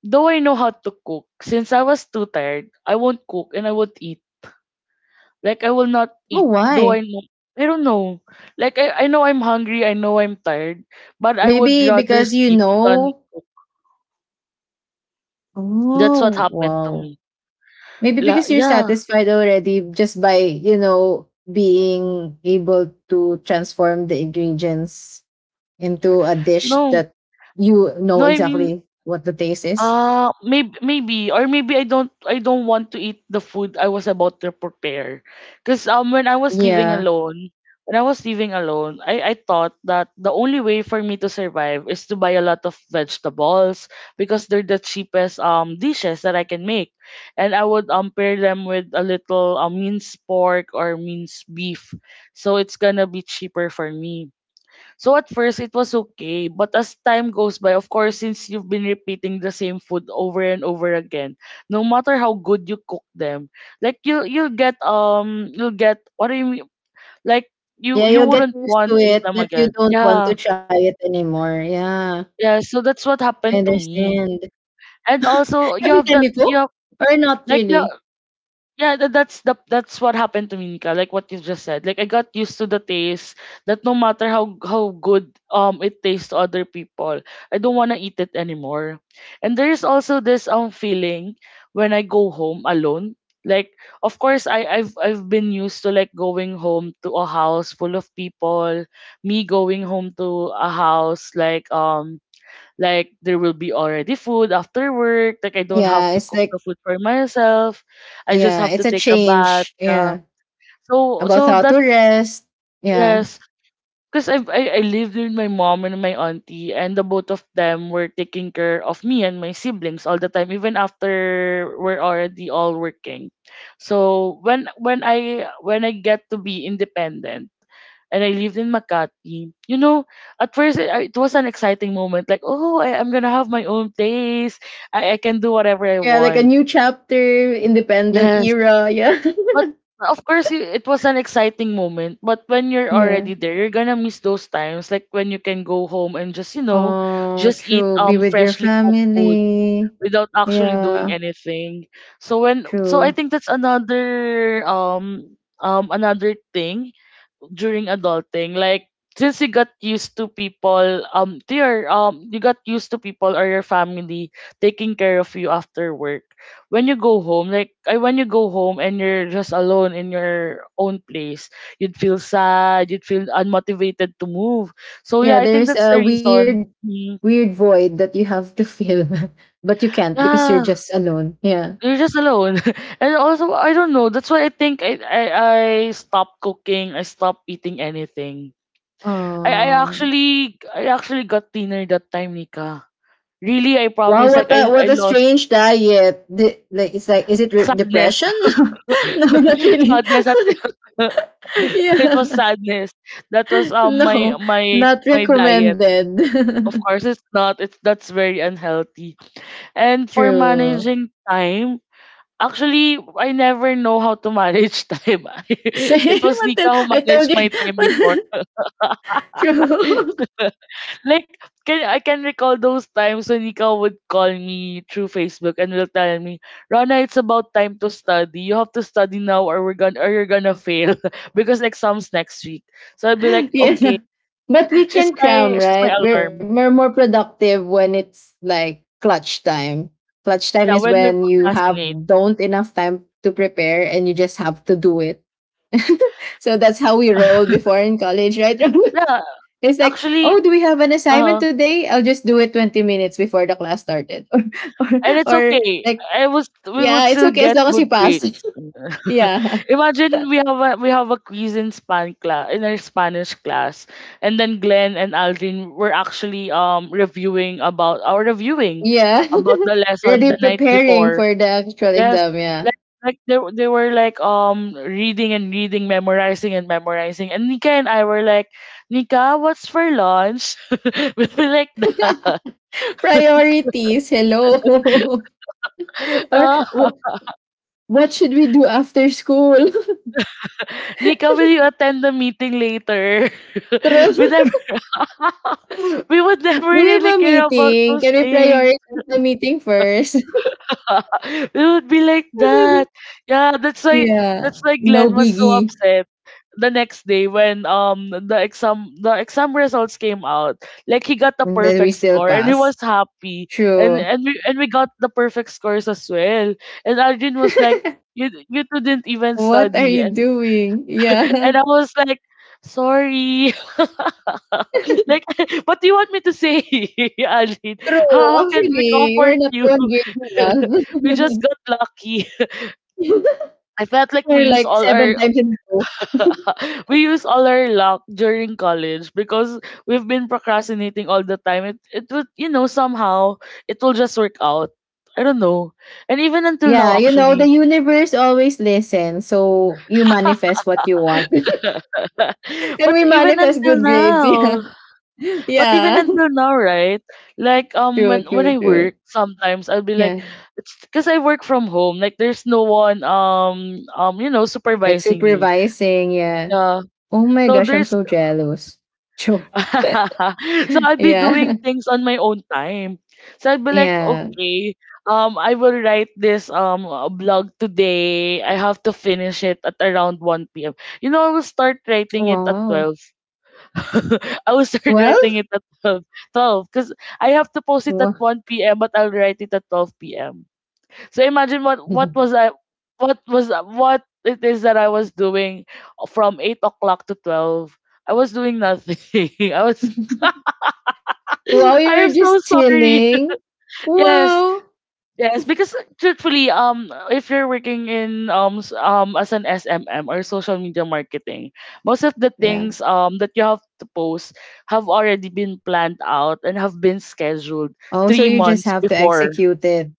Speaker 1: though I know how to cook, since I was too tired, I won't cook and I won't eat. Like I will not
Speaker 2: Oh,
Speaker 1: eat though
Speaker 2: why?
Speaker 1: I know. I don't know. Like I know I'm hungry, I know I'm tired, but I would
Speaker 2: Maybe
Speaker 1: rather
Speaker 2: because you
Speaker 1: sleep than
Speaker 2: know.
Speaker 1: cook. That's what
Speaker 2: Oh,
Speaker 1: happened to
Speaker 2: wow.
Speaker 1: me.
Speaker 2: Maybe because you're
Speaker 1: Yeah.
Speaker 2: satisfied already just by, being able to transform the ingredients into a dish
Speaker 1: No.
Speaker 2: that you
Speaker 1: No,
Speaker 2: know
Speaker 1: I mean,
Speaker 2: exactly what the taste is.
Speaker 1: maybe, or maybe I don't want to eat the food I was about to prepare, because when I was living
Speaker 2: Yeah.
Speaker 1: alone, I thought that the only way for me to survive is to buy a lot of vegetables because they're the cheapest dishes that I can make, and I would pair them with a little minced pork or minced beef, so it's gonna be cheaper for me. So at first it was okay, but as time goes by, of course, since you've been repeating the same food over and over again, no matter how good you cook them, like you'll get what do you mean? Like
Speaker 2: Yeah,
Speaker 1: you
Speaker 2: you'll get
Speaker 1: wouldn't
Speaker 2: used
Speaker 1: want
Speaker 2: to
Speaker 1: to eat
Speaker 2: it
Speaker 1: them
Speaker 2: that you
Speaker 1: again.
Speaker 2: don't want to
Speaker 1: Yeah,
Speaker 2: try it anymore. Yeah.
Speaker 1: yeah. So that's what
Speaker 2: I
Speaker 1: happened to me.
Speaker 2: understand.
Speaker 1: And also
Speaker 2: Every time you cook?
Speaker 1: you have
Speaker 2: Or not
Speaker 1: like you.
Speaker 2: really?
Speaker 1: Yeah, that's the that's what happened to me, Nika. Like what you just said. Like I got used to the taste that no matter how good it tastes to other people, I don't wanna eat it anymore. And there is also this feeling when I go home alone. Like of course I've been used to like going home to a house full of people, me going home to a house like there will be already food after work. Like I don't have
Speaker 2: Yeah,
Speaker 1: to cook the food for myself. I just have to
Speaker 2: it's a
Speaker 1: take a bath.
Speaker 2: change.
Speaker 1: Yeah.
Speaker 2: Yeah.
Speaker 1: So
Speaker 2: About
Speaker 1: so
Speaker 2: how
Speaker 1: that
Speaker 2: to rest. Yeah.
Speaker 1: yes, because I lived with my mom and my auntie, and the both of them were taking care of me and my siblings all the time, even after we're already all working. So when I get to be independent and I lived in Makati. You know, at first it was an exciting moment. Like, oh, I'm gonna have my own place. I can do whatever I
Speaker 2: Yeah, like a
Speaker 1: want.
Speaker 2: new chapter, independent
Speaker 1: Yes,
Speaker 2: era. Yeah.
Speaker 1: but of course it was an exciting moment. But when you're
Speaker 2: Yeah.
Speaker 1: already there, you're gonna miss those times, like when you can go home and just you know,
Speaker 2: Oh,
Speaker 1: just eat
Speaker 2: true. Be with your
Speaker 1: freshly cooked food
Speaker 2: family.
Speaker 1: without actually doing
Speaker 2: Yeah,
Speaker 1: anything. So I
Speaker 2: true.
Speaker 1: think that's another another thing during adulting, like since you got used to people to your you got used to people or your family taking care of you after work. When you go home, like when you go home and you're just alone in your own place, you'd feel sad, you'd feel unmotivated to move. So yeah,
Speaker 2: Yeah,
Speaker 1: I think
Speaker 2: there's
Speaker 1: that's the
Speaker 2: a
Speaker 1: reason.
Speaker 2: weird,
Speaker 1: Mhm.
Speaker 2: weird void that you have to fill, but you can't because you're
Speaker 1: Yeah,
Speaker 2: just alone. Yeah.
Speaker 1: you're just alone. And also I don't know, that's why I think I stopped cooking, I stopped eating anything.
Speaker 2: Oh,
Speaker 1: I actually got thinner that time, Nika. Really, I
Speaker 2: wow,
Speaker 1: promise.
Speaker 2: what
Speaker 1: Like
Speaker 2: a
Speaker 1: I
Speaker 2: what a
Speaker 1: lost
Speaker 2: strange diet. Like it's like is it
Speaker 1: sadness.
Speaker 2: depression? No, not really.
Speaker 1: Sadness. At, it was
Speaker 2: Yeah.
Speaker 1: sadness. That was my
Speaker 2: No, not
Speaker 1: my diet. Of
Speaker 2: recommended.
Speaker 1: course, it's not. It's That's very unhealthy. And for
Speaker 2: True.
Speaker 1: managing time, actually, I never know how to manage time.
Speaker 2: Same
Speaker 1: It was Nika
Speaker 2: until
Speaker 1: who
Speaker 2: I
Speaker 1: managed
Speaker 2: told
Speaker 1: my
Speaker 2: you.
Speaker 1: time before.
Speaker 2: True.
Speaker 1: Like, can recall those times when Nika would call me through Facebook and will tell me, Rana, it's about time to study. You have to study now or we're gonna or you're gonna fail because exams next week. So I'd be like, okay,
Speaker 2: Yeah. But we can cram,
Speaker 1: she's my
Speaker 2: right? We're
Speaker 1: alarm.
Speaker 2: more productive when it's like clutch time. Clutch time
Speaker 1: Yeah,
Speaker 2: is
Speaker 1: when we
Speaker 2: when you have
Speaker 1: procrastinate.
Speaker 2: don't enough time to prepare and you just have to do it. So that's how we rolled before in college, right?
Speaker 1: Yeah,
Speaker 2: It's like,
Speaker 1: actually,
Speaker 2: oh, do we have an assignment
Speaker 1: uh
Speaker 2: today? I'll just do it 20 minutes before the class started. Or,
Speaker 1: and it's
Speaker 2: or
Speaker 1: okay.
Speaker 2: like,
Speaker 1: I was We would
Speaker 2: yeah, it's
Speaker 1: still
Speaker 2: okay as
Speaker 1: get
Speaker 2: long as you
Speaker 1: good
Speaker 2: pass.
Speaker 1: grades.
Speaker 2: Yeah.
Speaker 1: Imagine we have a quiz in Spanish class, and then Glenn and Aldrin were actually reviewing
Speaker 2: Yeah.
Speaker 1: about the lesson the
Speaker 2: Ready
Speaker 1: night
Speaker 2: preparing
Speaker 1: before.
Speaker 2: for the actual
Speaker 1: Yes,
Speaker 2: exam, yeah.
Speaker 1: like they were like reading and reading, memorizing and memorizing, and Nika and I were like, Nika, what's for lunch? We were like that.
Speaker 2: Priorities. Hello. Or wh- what should we do after school?
Speaker 1: Nika, will you attend the meeting later?
Speaker 2: True.
Speaker 1: We never,
Speaker 2: Do
Speaker 1: we would never
Speaker 2: we have
Speaker 1: really
Speaker 2: a
Speaker 1: care about
Speaker 2: meeting?
Speaker 1: those
Speaker 2: Can we
Speaker 1: things.
Speaker 2: prioritize the meeting first?
Speaker 1: We would be like that. Yeah,
Speaker 2: Yeah.
Speaker 1: that's why
Speaker 2: No
Speaker 1: Glenn was so
Speaker 2: biggie.
Speaker 1: upset the next day when the exam results came out. Like he got the
Speaker 2: And then we
Speaker 1: perfect
Speaker 2: still
Speaker 1: score and he
Speaker 2: pass.
Speaker 1: was happy,
Speaker 2: True.
Speaker 1: and we got the perfect scores as well. And Arjun was like, you two didn't even
Speaker 2: What are
Speaker 1: study.
Speaker 2: you
Speaker 1: and
Speaker 2: doing? Yeah.
Speaker 1: And I was like, sorry. Like, what do you want me to say, Aline?
Speaker 2: True.
Speaker 1: How can we
Speaker 2: Actually,
Speaker 1: comfort
Speaker 2: we're not
Speaker 1: you?
Speaker 2: the one
Speaker 1: We just
Speaker 2: giving us.
Speaker 1: got lucky. I felt like we
Speaker 2: We're
Speaker 1: use
Speaker 2: like
Speaker 1: all
Speaker 2: seven
Speaker 1: our
Speaker 2: times in a row.
Speaker 1: we use all our luck during college because we've been procrastinating all the time. It would, you know, somehow it will just work out. I don't know. And even until now
Speaker 2: Yeah, you know, the
Speaker 1: actually.
Speaker 2: universe always listens. So you manifest what you want. And
Speaker 1: But
Speaker 2: we
Speaker 1: even
Speaker 2: manifest
Speaker 1: until
Speaker 2: good grades.
Speaker 1: now.
Speaker 2: Yeah.
Speaker 1: But even
Speaker 2: Yeah.
Speaker 1: until now, right? Like
Speaker 2: True,
Speaker 1: when
Speaker 2: true,
Speaker 1: I work,
Speaker 2: true.
Speaker 1: sometimes I'll be like,
Speaker 2: Yeah.
Speaker 1: it's because I work from home. Like there's no one you know
Speaker 2: Like
Speaker 1: supervising me.
Speaker 2: supervising. Yeah.
Speaker 1: Yeah.
Speaker 2: Oh my
Speaker 1: So
Speaker 2: gosh, I'm
Speaker 1: there's
Speaker 2: so jealous. True.
Speaker 1: so I'll be doing
Speaker 2: Yeah.
Speaker 1: things on my own time. So I'll be like,
Speaker 2: Yeah.
Speaker 1: okay, I will write this blog today. I have to finish it at around 1 p.m. You know, I will start writing it at
Speaker 2: Wow.
Speaker 1: 12. I will start writing
Speaker 2: 12?
Speaker 1: it at 12, 12 because I have to post it at
Speaker 2: Wow.
Speaker 1: 1 p.m. but I'll write it at 12 p.m. So imagine what was I what was what it is that I was doing from 8 o'clock to 12. I was doing nothing. I was
Speaker 2: Wow, you
Speaker 1: I am
Speaker 2: were
Speaker 1: so
Speaker 2: just
Speaker 1: sorry.
Speaker 2: chilling.
Speaker 1: Yes,
Speaker 2: Wow.
Speaker 1: yes, because truthfully, if you're working as an SMM or social media marketing, most of the
Speaker 2: Yeah.
Speaker 1: things that you have to post have already been planned out and have been scheduled
Speaker 2: Also,
Speaker 1: three
Speaker 2: you just
Speaker 1: months
Speaker 2: have to
Speaker 1: before,
Speaker 2: execute it.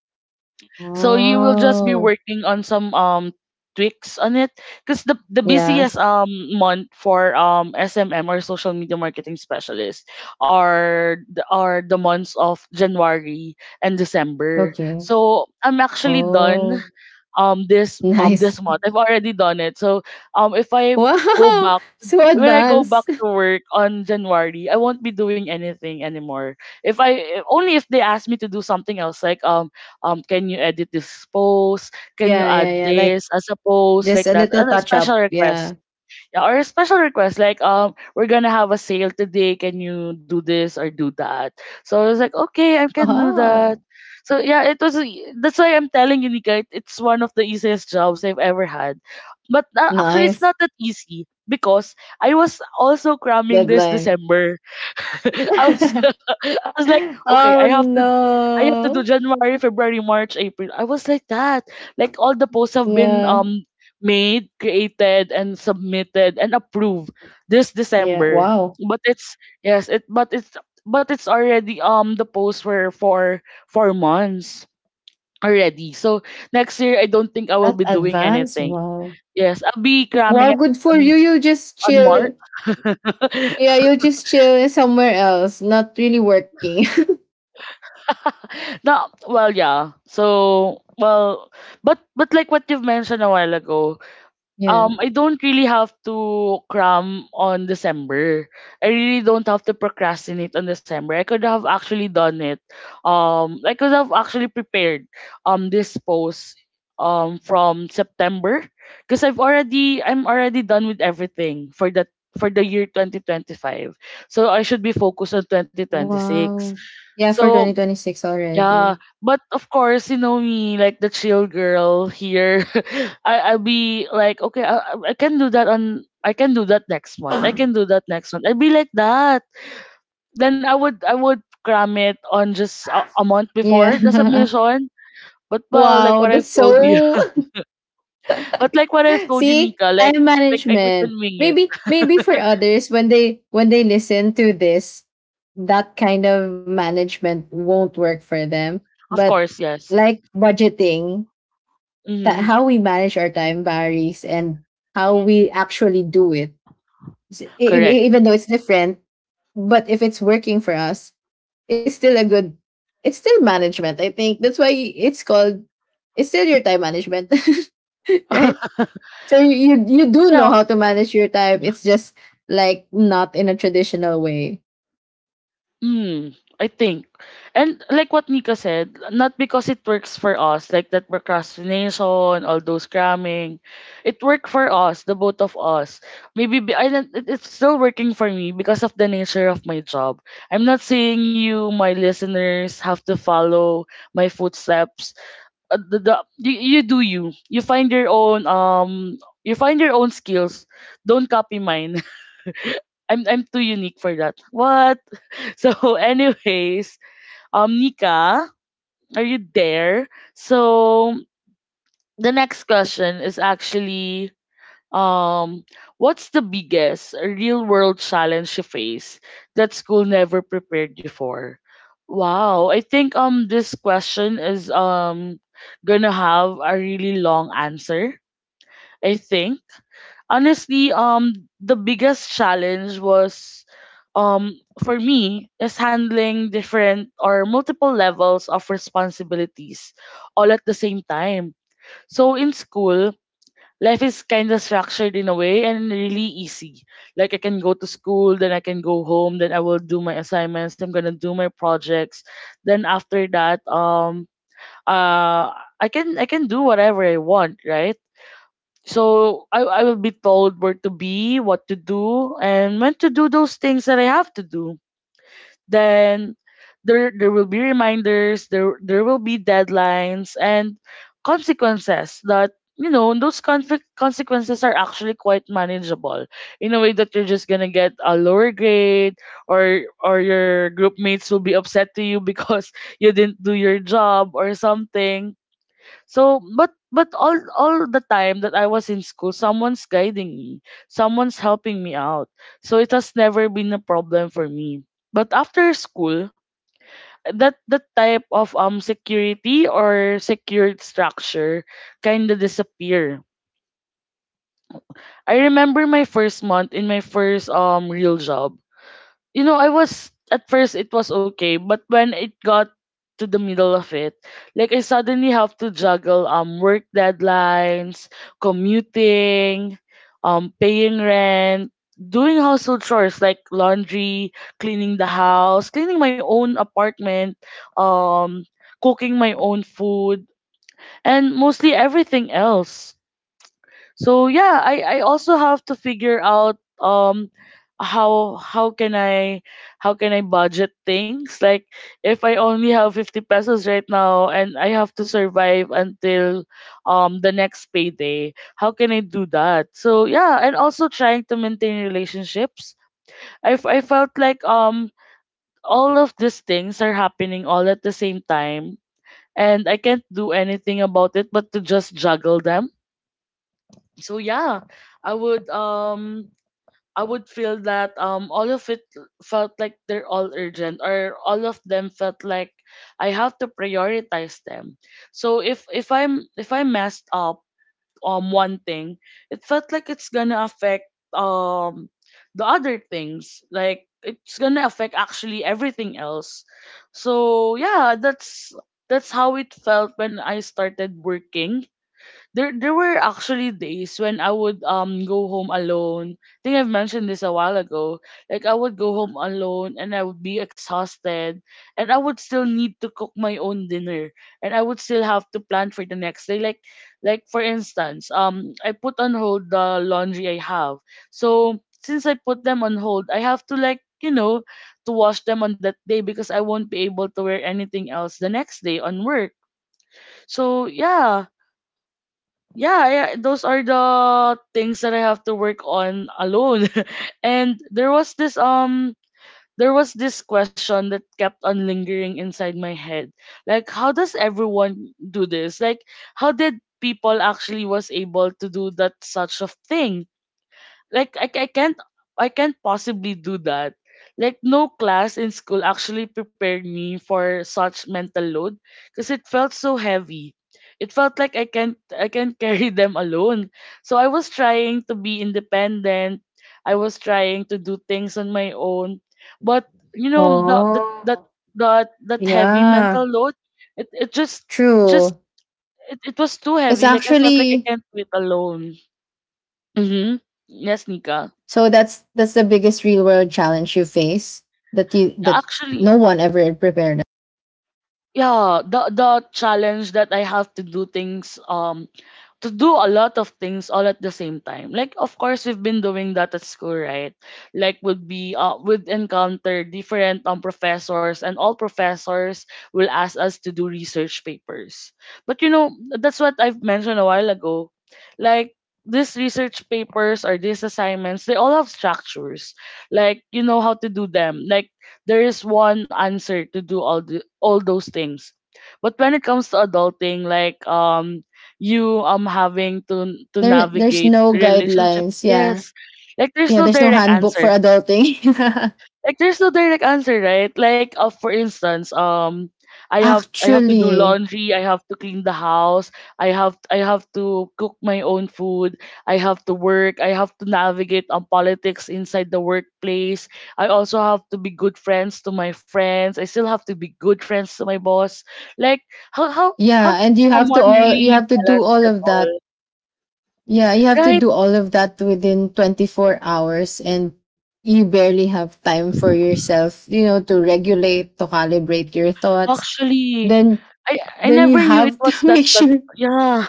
Speaker 1: so you will just be
Speaker 2: Oh.
Speaker 1: working on some tweaks on it, because the
Speaker 2: Yeah.
Speaker 1: busiest month for SMM or social media marketing specialists are the months of January and December.
Speaker 2: Okay.
Speaker 1: So I'm actually done
Speaker 2: Oh, nice.
Speaker 1: this month. I've already done it. So if I go
Speaker 2: Wow,
Speaker 1: back
Speaker 2: so
Speaker 1: when I go back
Speaker 2: advanced.
Speaker 1: to work on January, I won't be doing anything anymore. If I only if they ask me to do something else, like can you edit this post? Can you
Speaker 2: Yeah, yeah,
Speaker 1: add
Speaker 2: yeah. Like
Speaker 1: this as a post,
Speaker 2: just
Speaker 1: like
Speaker 2: a
Speaker 1: that?
Speaker 2: little
Speaker 1: And a
Speaker 2: touch up.
Speaker 1: special request.
Speaker 2: Yeah.
Speaker 1: Yeah, or a special request like, um, we're gonna have a sale today. Can you do this or do that? So I was like, okay, I can do that.
Speaker 2: Oh,
Speaker 1: So yeah, that's why I'm telling you, Nika, it's one of the easiest jobs I've ever had. But actually, it's
Speaker 2: nice
Speaker 1: not that easy because I was also cramming this
Speaker 2: deadline.
Speaker 1: December. I was I was like, okay,
Speaker 2: Oh
Speaker 1: I have to do
Speaker 2: no.
Speaker 1: January, February, March, April. I was like that. Like all the posts have been
Speaker 2: Yeah,
Speaker 1: made, created, and submitted and approved this
Speaker 2: yeah.
Speaker 1: December.
Speaker 2: Wow,
Speaker 1: But it's yes, it but it's already the posts were for 4 months already. So next year I don't think I will
Speaker 2: that
Speaker 1: be doing
Speaker 2: advanced.
Speaker 1: anything.
Speaker 2: Wow.
Speaker 1: Yes, I'll be
Speaker 2: Wow,
Speaker 1: cramming it
Speaker 2: good for
Speaker 1: on
Speaker 2: you. You just
Speaker 1: on
Speaker 2: chill.
Speaker 1: March.
Speaker 2: Yeah, you just chill somewhere else. Not really working.
Speaker 1: No, well, yeah. So, well, but like what you've mentioned a while ago,
Speaker 2: Yeah.
Speaker 1: I don't really have to cram on December. I really don't have to procrastinate on December. I could have actually done it. I could have actually prepared this post from September, because I'm already done with everything for that, for the year 2025. So I should be focused on 2026.
Speaker 2: Wow. Yeah, for
Speaker 1: So
Speaker 2: 2026
Speaker 1: yeah,
Speaker 2: already.
Speaker 1: but of course, you know me, like the chill girl here. I I'll be like, okay, I can do that I can do that next month. I can do that next month. I'd be like that. Then I would cram it on just a month
Speaker 2: Yeah.
Speaker 1: before the submission. But well, like
Speaker 2: Wow,
Speaker 1: what
Speaker 2: that's
Speaker 1: I've told you,
Speaker 2: so
Speaker 1: but like what I've told you,
Speaker 2: see
Speaker 1: Nika, like
Speaker 2: time
Speaker 1: like, like we
Speaker 2: management.
Speaker 1: can wing it.
Speaker 2: Maybe for others when they listen to this, that kind of management won't work for them.
Speaker 1: Of
Speaker 2: But
Speaker 1: course, yes.
Speaker 2: like budgeting, that
Speaker 1: Mm-hmm.
Speaker 2: how we manage our time varies and how we actually do it.
Speaker 1: Correct.
Speaker 2: Even though it's different, but if it's working for us, it's still a good. It's still management. I think that's why it's called. It's still your time management. Right? So you do know
Speaker 1: Yeah.
Speaker 2: how to manage your time. It's just like not in a traditional way.
Speaker 1: I think. And like what Nika said, not because it works for us, like that procrastination, all those cramming. It worked for us, the both of us. Maybe I don't, it's still working for me because of the nature of my job. I'm not saying you, my listeners, have to follow my footsteps. You, you do you. You find your own you find your own skills. Don't copy mine. I'm too unique for that. What? So anyways, Nika, are you there? So the next question is actually um what's the biggest real world challenge you face that school never prepared you for? Wow, I think this question is gonna have a really long answer. I think honestly the biggest challenge was, um for me, is handling different or multiple levels of responsibilities all at the same time. So in school, life is kind of structured in a way and really easy. Like I can go to school, then I can go home, then I will do my assignments, I'm gonna do my projects, then after that, uh I can I can do whatever I want, right? So I will be told where to be, what to do, and when to do those things that I have to do. Then there will be reminders, there will be deadlines and consequences that, you know, those consequences are actually quite manageable in a way that you're just gonna get a lower grade, or your group mates will be upset to you because you didn't do your job or something. So, but all the time that I was in school, someone's guiding me, someone's helping me out. So it has never been a problem for me. But after school, that type of security or secured structure kind of disappear. I remember my first month in my first real job. You know, I was at first it was okay, but when it got to the middle of it, like I suddenly have to juggle work deadlines, commuting, paying rent, doing household chores like laundry, cleaning the house, cleaning my own apartment, um cooking my own food, and mostly everything else. So yeah, I also have to figure out, how how can I budget things? Like if I only have 50 pesos right now and I have to survive until the next payday, how can I do that? So yeah, and also trying to maintain relationships. I felt like all of these things are happening all at the same time, and I can't do anything about it but to just juggle them. So yeah, i would um I would feel that all of it felt like they're all urgent, or all of them felt like I have to prioritize them. So if I messed up on one thing, it felt like it's gonna affect um the other things, like it's gonna affect actually everything else. So yeah, that's how it felt when I started working. There were actually days when I would go home alone. I think I've mentioned this a while ago. Like I would go home alone and I would be exhausted, and I would still need to cook my own dinner, and I would still have to plan for the next day. Like for instance, I put on hold the laundry I have. So since I put them on hold, I have to, like, you know, to wash them on that day because I won't be able to wear anything else the next day on work. So yeah, yeah, yeah, those are the things that I have to work on alone. And there was this question that kept on lingering inside my head. Like, how does everyone do this? Like how did people actually was able to do that such of thing? Like I can't possibly do that. Like no class in school actually prepared me for such mental load because it felt so heavy. It felt like I can't carry them alone. So I was trying to be independent. I was trying to do things on my own. But you know the that
Speaker 2: Oh,
Speaker 1: that that heavy mental
Speaker 2: yeah,
Speaker 1: load, it
Speaker 2: true.
Speaker 1: just it was too
Speaker 2: It's
Speaker 1: heavy. Like I felt like I
Speaker 2: actually
Speaker 1: can't do it alone. Mm-hmm. Yes, Nika.
Speaker 2: so that's the biggest real world challenge you face that
Speaker 1: Actually,
Speaker 2: no one ever prepared.
Speaker 1: yeah, the challenge that I have to do things, to do a lot of things all at the same time. Like, of course, we've been doing that at school, right? Like would be would encounter different professors, and all professors will ask us to do research papers. But you know, that's what I've mentioned a while ago. Like, these research papers or these assignments, they all have structures. Like, you know how to do them. Like there is one answer to do all the all those things. But when it comes to adulting, like, you, having to
Speaker 2: There's
Speaker 1: navigate
Speaker 2: no
Speaker 1: relationship,
Speaker 2: guidelines. Yeah,
Speaker 1: yes, like there's
Speaker 2: yeah.
Speaker 1: no
Speaker 2: There's no
Speaker 1: direct
Speaker 2: handbook for
Speaker 1: answer,
Speaker 2: adulting.
Speaker 1: right? Like, for instance, I have to do
Speaker 2: Actually,
Speaker 1: laundry, I have to clean the house, I have to cook my own food, I have to work, I have to navigate on politics inside the workplace. I also have to be good friends to my friends. I still have to be good friends to my boss. Like, how
Speaker 2: yeah,
Speaker 1: can
Speaker 2: and
Speaker 1: someone
Speaker 2: you
Speaker 1: really
Speaker 2: have to do
Speaker 1: balance
Speaker 2: all
Speaker 1: it
Speaker 2: of that.
Speaker 1: all?
Speaker 2: Yeah, you have to
Speaker 1: Right?
Speaker 2: do all of that within 24 hours and you barely have time for yourself, you know, to regulate, to calibrate your thoughts,
Speaker 1: Actually,
Speaker 2: then
Speaker 1: I I
Speaker 2: then you
Speaker 1: never knew it
Speaker 2: have to
Speaker 1: was that
Speaker 2: make sure
Speaker 1: yeah.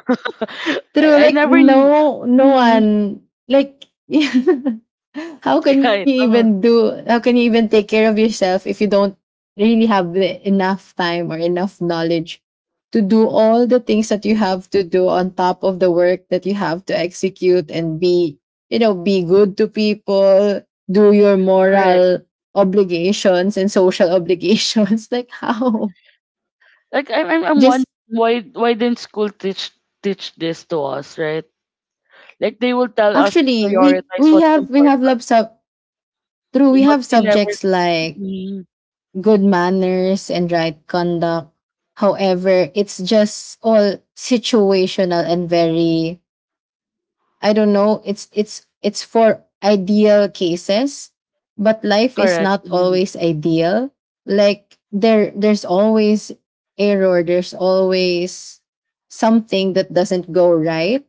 Speaker 2: through
Speaker 1: I
Speaker 2: like
Speaker 1: never knew.
Speaker 2: no no
Speaker 1: Hmm.
Speaker 2: one like how can you
Speaker 1: Right.
Speaker 2: even do, how can you even take care of yourself if you don't really have the enough time or enough knowledge to do all the things that you have to do on top of the work that you have to execute and be, you know, be good to people, do your
Speaker 1: Correct.
Speaker 2: moral obligations and social obligations like how
Speaker 1: Like I'm
Speaker 2: just
Speaker 1: wondering why didn't school teach this to us, right? Like they will tell us to
Speaker 2: actually,
Speaker 1: prioritize what's important,
Speaker 2: we
Speaker 1: but
Speaker 2: have
Speaker 1: they never.
Speaker 2: subjects like
Speaker 1: Mhm.
Speaker 2: good manners and right conduct. However, it's just all situational and very I don't know, it's for ideal cases, but life is
Speaker 1: Correct.
Speaker 2: not
Speaker 1: Mhm.
Speaker 2: always ideal. Like there's always error, there's always something that doesn't go right,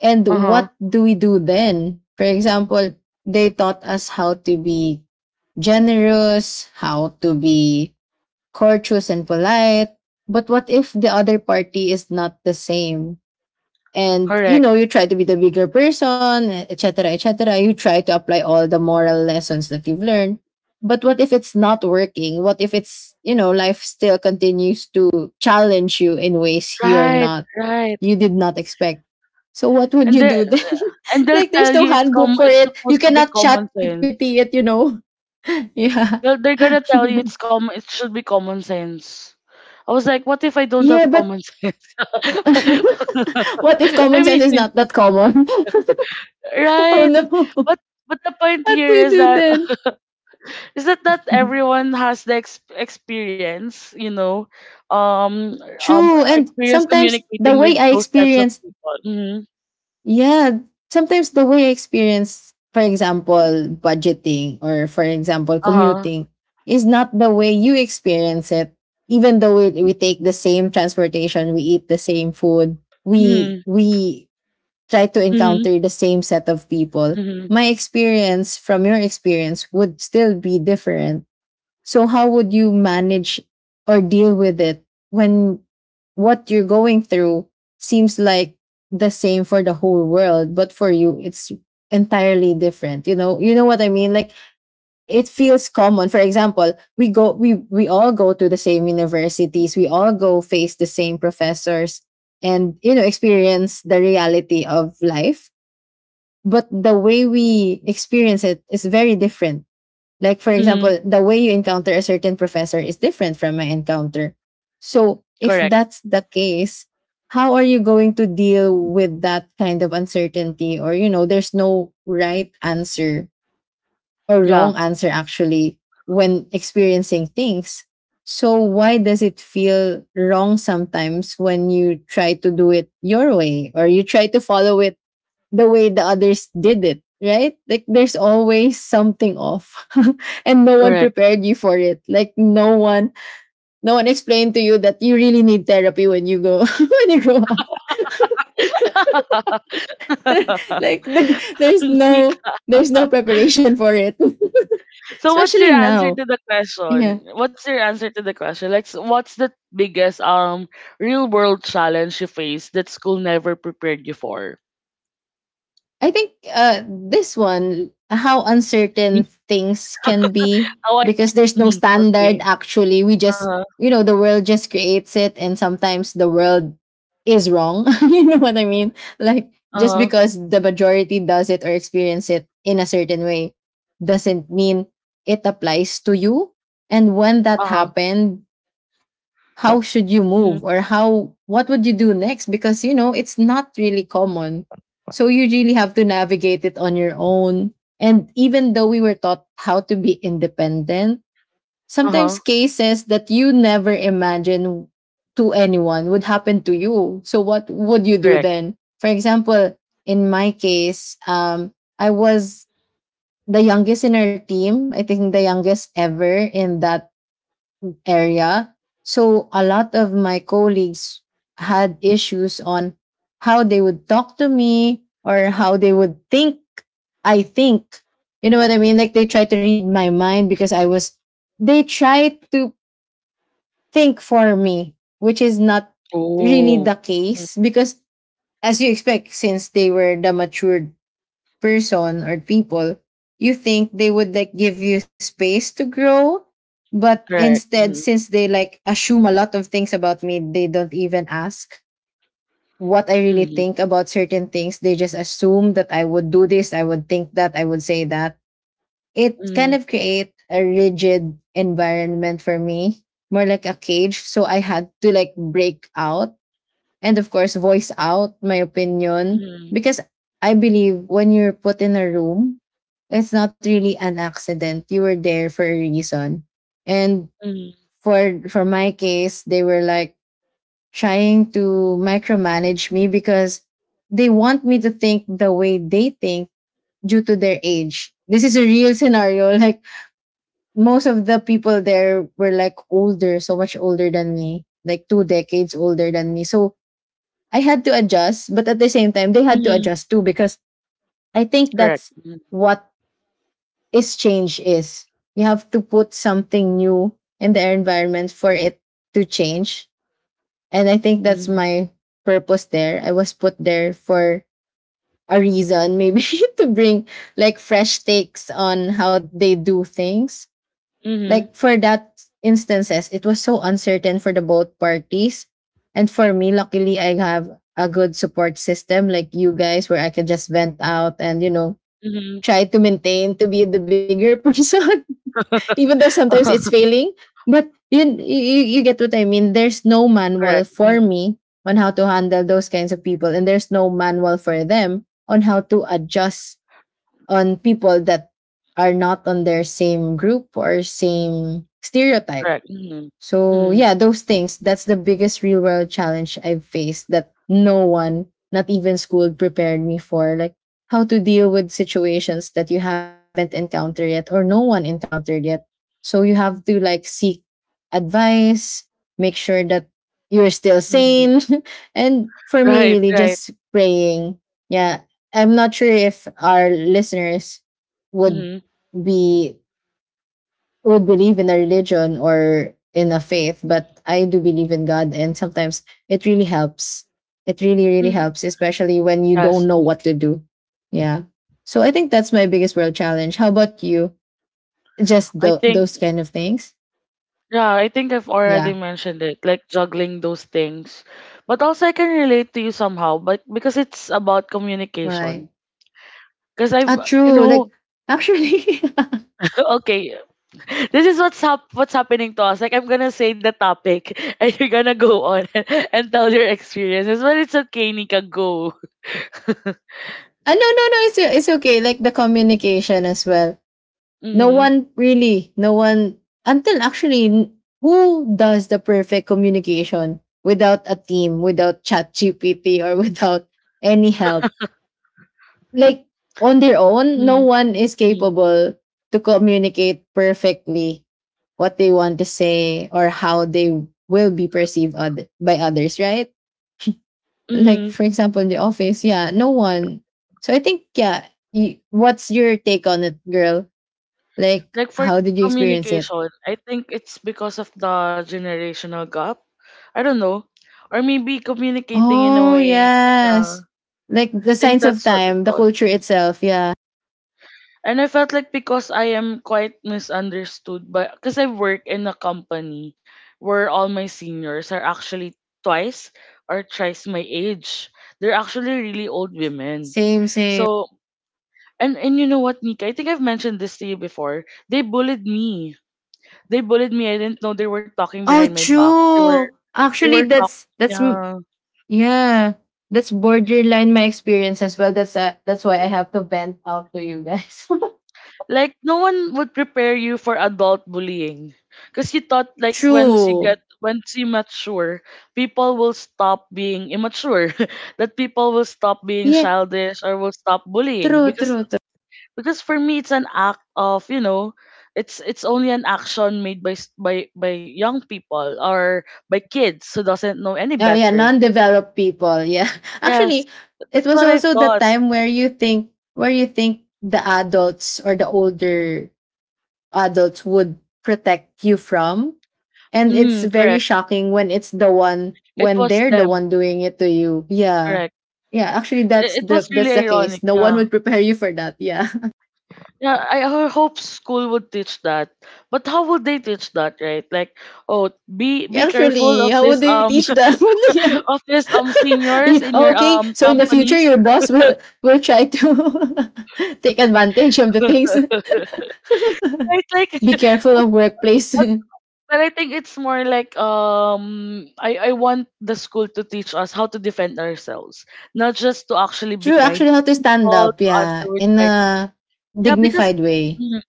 Speaker 2: and
Speaker 1: Uh huh.
Speaker 2: what do we do then? For example, they taught us how to be generous, how to be courteous and polite. But what if the other party is not the same? And you
Speaker 1: Correct.
Speaker 2: know, you try to be the bigger person, etc., etc. You try to apply all the moral lessons that you've learned. But what if it's not working? What if it's, you know, life still continues to challenge you in ways you're
Speaker 1: Right.
Speaker 2: not,
Speaker 1: Right.
Speaker 2: you did not expect? So what would
Speaker 1: And
Speaker 2: you
Speaker 1: they
Speaker 2: do then?
Speaker 1: 'll
Speaker 2: Like there's
Speaker 1: tell
Speaker 2: no
Speaker 1: you it's
Speaker 2: handbook
Speaker 1: com
Speaker 2: for
Speaker 1: it's
Speaker 2: it. You
Speaker 1: supposed to be
Speaker 2: cannot chat
Speaker 1: common sense.
Speaker 2: GPT it, you know. Yeah.
Speaker 1: They're gonna tell you it's com it should be common sense. I was like, what if I don't
Speaker 2: Yeah,
Speaker 1: have
Speaker 2: but
Speaker 1: common sense?
Speaker 2: what if
Speaker 1: I
Speaker 2: common sense is
Speaker 1: mean,
Speaker 2: not that common? Oh
Speaker 1: right?
Speaker 2: no.
Speaker 1: But the point
Speaker 2: What do
Speaker 1: here
Speaker 2: you
Speaker 1: is
Speaker 2: do
Speaker 1: that
Speaker 2: then?
Speaker 1: is that not everyone has the experience, you know, um,
Speaker 2: True. And
Speaker 1: experience
Speaker 2: sometimes the
Speaker 1: communicating with
Speaker 2: way I
Speaker 1: those types of
Speaker 2: experience
Speaker 1: people. Hmm.
Speaker 2: yeah, sometimes the way I experience, for example, budgeting or for example,
Speaker 1: Uh huh.
Speaker 2: commuting is not the way you experience it. Even though we take the same transportation, we eat the same food, we
Speaker 1: Hmm.
Speaker 2: we try to
Speaker 1: Hmm.
Speaker 2: encounter the same set of people.
Speaker 1: Hmm.
Speaker 2: My experience from your experience would still be different. So how would you manage or deal with it when what you're going through seems like the same for the whole world, but for you it's entirely different. You know what I mean? Like it feels common. For example, we all go to the same universities, we all go face the same professors and you know experience the reality of life, but the way we experience it is very different, like, for
Speaker 1: Hmm.
Speaker 2: example, way you encounter a certain professor is different from my encounter. So, if
Speaker 1: Correct.
Speaker 2: that's the case, how are you going to deal with that kind of uncertainty? Or, you know, there's no right answer or
Speaker 1: Yeah.
Speaker 2: wrong answer actually when experiencing things. So, why does it feel wrong sometimes when you try to do it your way or you try to follow it the way the others did it, right? Like there's always something off and no one
Speaker 1: Correct.
Speaker 2: prepared you for it. Like no one explained to you that you really need therapy when you go when you grow up. Like there's
Speaker 1: He.
Speaker 2: no preparation for it.
Speaker 1: So what's
Speaker 2: Especially
Speaker 1: your answer
Speaker 2: now.
Speaker 1: to the
Speaker 2: Yeah.
Speaker 1: question? What's your answer to the question? Like, what's the biggest real world challenge you faced that school never prepared you for?
Speaker 2: I think this one, how
Speaker 1: Mm.
Speaker 2: uncertain things can be
Speaker 1: Oh, I
Speaker 2: because
Speaker 1: thought.
Speaker 2: there's no
Speaker 1: Mm.
Speaker 2: standard
Speaker 1: Okay.
Speaker 2: actually.
Speaker 1: Uh huh.
Speaker 2: You know, the world just creates it, and sometimes the world is wrong. You know what I mean? Like,
Speaker 1: Uh
Speaker 2: just
Speaker 1: huh.
Speaker 2: because the majority does it or experience it in a certain way doesn't mean it applies to you. And when that
Speaker 1: Uh huh.
Speaker 2: happened, how should you
Speaker 1: Mm-hmm.
Speaker 2: move or how what would you do next? Because you know it's not really common, so you really have to navigate it on your own. And even though we were taught how to be independent,
Speaker 1: Uh
Speaker 2: sometimes
Speaker 1: huh.
Speaker 2: cases that you never imagine to anyone would happen to you, so what would you do
Speaker 1: Correct.
Speaker 2: then? For example, in my case, I was the youngest in our team, I think the youngest ever in that area. So a lot of my colleagues had issues on how they would talk to me or how they would think I think. You know what I mean? Like they try to read my mind because I was they try to think for me, which is not really
Speaker 1: Oh.
Speaker 2: the
Speaker 1: Mm-hmm.
Speaker 2: case. Because as you expect, since they were the matured person or people, you think they would like give you space to grow. But
Speaker 1: Correct.
Speaker 2: instead,
Speaker 1: Mm-hmm.
Speaker 2: since they like assume a lot of things about me, they don't even ask what I really think about certain things. They just assume that I would do this, I would think that, I would say that. It
Speaker 1: Mm-hmm.
Speaker 2: kind of create a rigid environment for me, more like a cage. So I had to like break out and of course voice out my opinion.
Speaker 1: Mm-hmm.
Speaker 2: Because I believe when you're put in a room, it's not really an accident, you were there for a reason. And
Speaker 1: Mm-hmm. Mm-hmm.
Speaker 2: for my case, they were like trying to micromanage me because they want me to think the way they think due to their age. This is a real scenario. Like most of the people there were like older, so much older than me, like two decades older than me. So I had to adjust, but at the same time, they had to
Speaker 1: Mm-hmm.
Speaker 2: adjust too. Because I think
Speaker 1: Correct.
Speaker 2: that's
Speaker 1: Mm-hmm.
Speaker 2: what is change is. You have to put something new in their environment for it to change. And I think that's my purpose there. I was put there for a reason, maybe, to bring like fresh takes on how they do things.
Speaker 1: Mm-hmm.
Speaker 2: Like for that instances, it was so uncertain for the both parties. And for me, luckily I have a good support system like you guys where I can just vent out and you know
Speaker 1: Mm-hmm.
Speaker 2: try to maintain to be the bigger person, even though sometimes it's failing. But you, you get what I mean. There's no manual
Speaker 1: Correct. Mm-hmm.
Speaker 2: for me on how to handle those kinds of people, and there's no manual for them on how to adjust on people that are not on their same group or same stereotype.
Speaker 1: Correct. Mm-hmm.
Speaker 2: So
Speaker 1: Mm-hmm.
Speaker 2: yeah, those things. That's the biggest real world challenge I've faced that no one, not even school, prepared me for. Like how to deal with situations that you haven't encountered yet or no one encountered yet. So you have to like seek advice, make sure that you're still
Speaker 1: Mm-hmm.
Speaker 2: sane. And for me,
Speaker 1: Right.
Speaker 2: really
Speaker 1: Right.
Speaker 2: just praying. Yeah. I'm not sure if our listeners would
Speaker 1: Mm-hmm.
Speaker 2: be would believe in a religion or in a faith, but I do believe in God, and sometimes it really helps. It really, really
Speaker 1: Mm-hmm.
Speaker 2: helps, especially when you don't
Speaker 1: Yes.
Speaker 2: know what to do. Yeah. So I think that's my biggest world challenge. How about you? Just
Speaker 1: I think,
Speaker 2: those kind of things.
Speaker 1: yeah, I think I've already
Speaker 2: Yeah.
Speaker 1: mentioned it, like juggling those things. But also, I can relate to you somehow, but because it's about
Speaker 2: Right.
Speaker 1: communication. Because
Speaker 2: Ah,
Speaker 1: I've, you
Speaker 2: true. Like
Speaker 1: know,
Speaker 2: actually. Ah,
Speaker 1: okay, this is what's what's happening to us. Like I'm gonna say the topic, and you're gonna go on and tell your experiences. But it's okay, Nika, go.
Speaker 2: no, no, no. It's okay. Like the communication as well. No
Speaker 1: Mm-hmm.
Speaker 2: one really, no one Until actually who does the perfect communication without a team, without chat GPT or without any help? Like on their own, no
Speaker 1: Mm-hmm.
Speaker 2: one is capable to communicate perfectly what they want to say or how they will be perceived by others, right? Like for
Speaker 1: Mm-hmm.
Speaker 2: example in the office, yeah, no one. So I think, yeah, what's your take on it, girl? Like,
Speaker 1: Like for
Speaker 2: how did you experience it?
Speaker 1: communication, I think it's because of the generational gap. I don't know. Or maybe communicating in a
Speaker 2: Oh,
Speaker 1: way. Yeah.
Speaker 2: yes. Like
Speaker 1: I
Speaker 2: the
Speaker 1: think
Speaker 2: signs of
Speaker 1: that's what it
Speaker 2: time, the
Speaker 1: was.
Speaker 2: culture itself. Yeah.
Speaker 1: And I felt like because I am quite misunderstood, but because I work in a company where all my seniors are actually twice or thrice my age. They're actually really old women.
Speaker 2: Same, same.
Speaker 1: So, and you know what, Nika? I think I've mentioned this to you before. They bullied me. They bullied me. I didn't know they were talking
Speaker 2: Oh,
Speaker 1: behind my back.
Speaker 2: true.
Speaker 1: They
Speaker 2: Actually,
Speaker 1: were talking. Yeah.
Speaker 2: yeah. That's borderline my experience as well. That's why I have to vent out to you guys.
Speaker 1: Like no one would prepare you for adult bullying. Cause you thought like once you
Speaker 2: True.
Speaker 1: get once you mature, people will stop being immature. That people will stop being
Speaker 2: Yeah.
Speaker 1: childish or will stop bullying.
Speaker 2: True,
Speaker 1: Because
Speaker 2: true, true.
Speaker 1: for me it's an act of, you know, it's only an action made by by young people or by kids who doesn't know any
Speaker 2: Oh, yeah.
Speaker 1: better.
Speaker 2: Non developed people. Yeah.
Speaker 1: Yes.
Speaker 2: Actually, it
Speaker 1: That's
Speaker 2: was
Speaker 1: what I
Speaker 2: also the
Speaker 1: thought.
Speaker 2: time where you think the adults or the older adults would protect you from. And it's
Speaker 1: Mm,
Speaker 2: very
Speaker 1: correct.
Speaker 2: shocking when it's the one
Speaker 1: It
Speaker 2: when
Speaker 1: was
Speaker 2: they're the
Speaker 1: them.
Speaker 2: one doing it to you. Yeah.
Speaker 1: Correct.
Speaker 2: Yeah, actually
Speaker 1: It was really
Speaker 2: that's the case.
Speaker 1: ironic.
Speaker 2: No one
Speaker 1: Yeah.
Speaker 2: would prepare you for that. Yeah.
Speaker 1: Yeah, I hope school would teach that. But how would they teach that, right? Like, oh, be careful
Speaker 2: Actually,
Speaker 1: of
Speaker 2: how
Speaker 1: this
Speaker 2: would they teach that? Yeah.
Speaker 1: of this seniors
Speaker 2: You-
Speaker 1: in
Speaker 2: oh,
Speaker 1: your
Speaker 2: okay, so in the future
Speaker 1: companies.
Speaker 2: your boss will try to take advantage of the things.
Speaker 1: Right? Like,
Speaker 2: Be careful of workplace.
Speaker 1: but I think it's more like, I want the school to teach us how to defend ourselves, not just to actually be
Speaker 2: True,
Speaker 1: kind
Speaker 2: actually, how to
Speaker 1: to
Speaker 2: stand
Speaker 1: people,
Speaker 2: up,
Speaker 1: to
Speaker 2: yeah,
Speaker 1: answer with
Speaker 2: in
Speaker 1: kind.
Speaker 2: a
Speaker 1: Yeah, because
Speaker 2: dignified way.
Speaker 1: mm-hmm,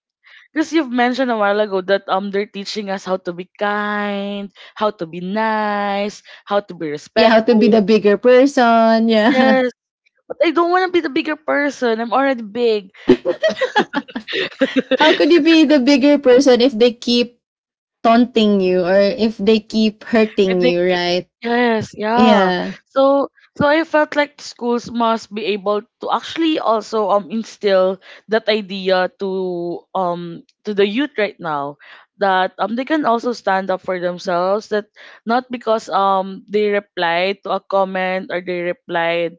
Speaker 1: because you've mentioned a while ago that they're teaching us how to be kind, how to be nice, how to be
Speaker 2: Yeah, how to be
Speaker 1: respectful.
Speaker 2: the bigger person, yeah.
Speaker 1: Yes, but I don't want to be the bigger person. I'm already big.
Speaker 2: How could you be the bigger person if they keep taunting you or if they keep
Speaker 1: If
Speaker 2: hurting
Speaker 1: they
Speaker 2: you,
Speaker 1: ca-
Speaker 2: right?
Speaker 1: yes, yeah.
Speaker 2: Yeah,
Speaker 1: So so I felt like schools must be able to actually also instill that idea to the youth right now that they can also stand up for themselves, that not because they replied to a comment, or they replied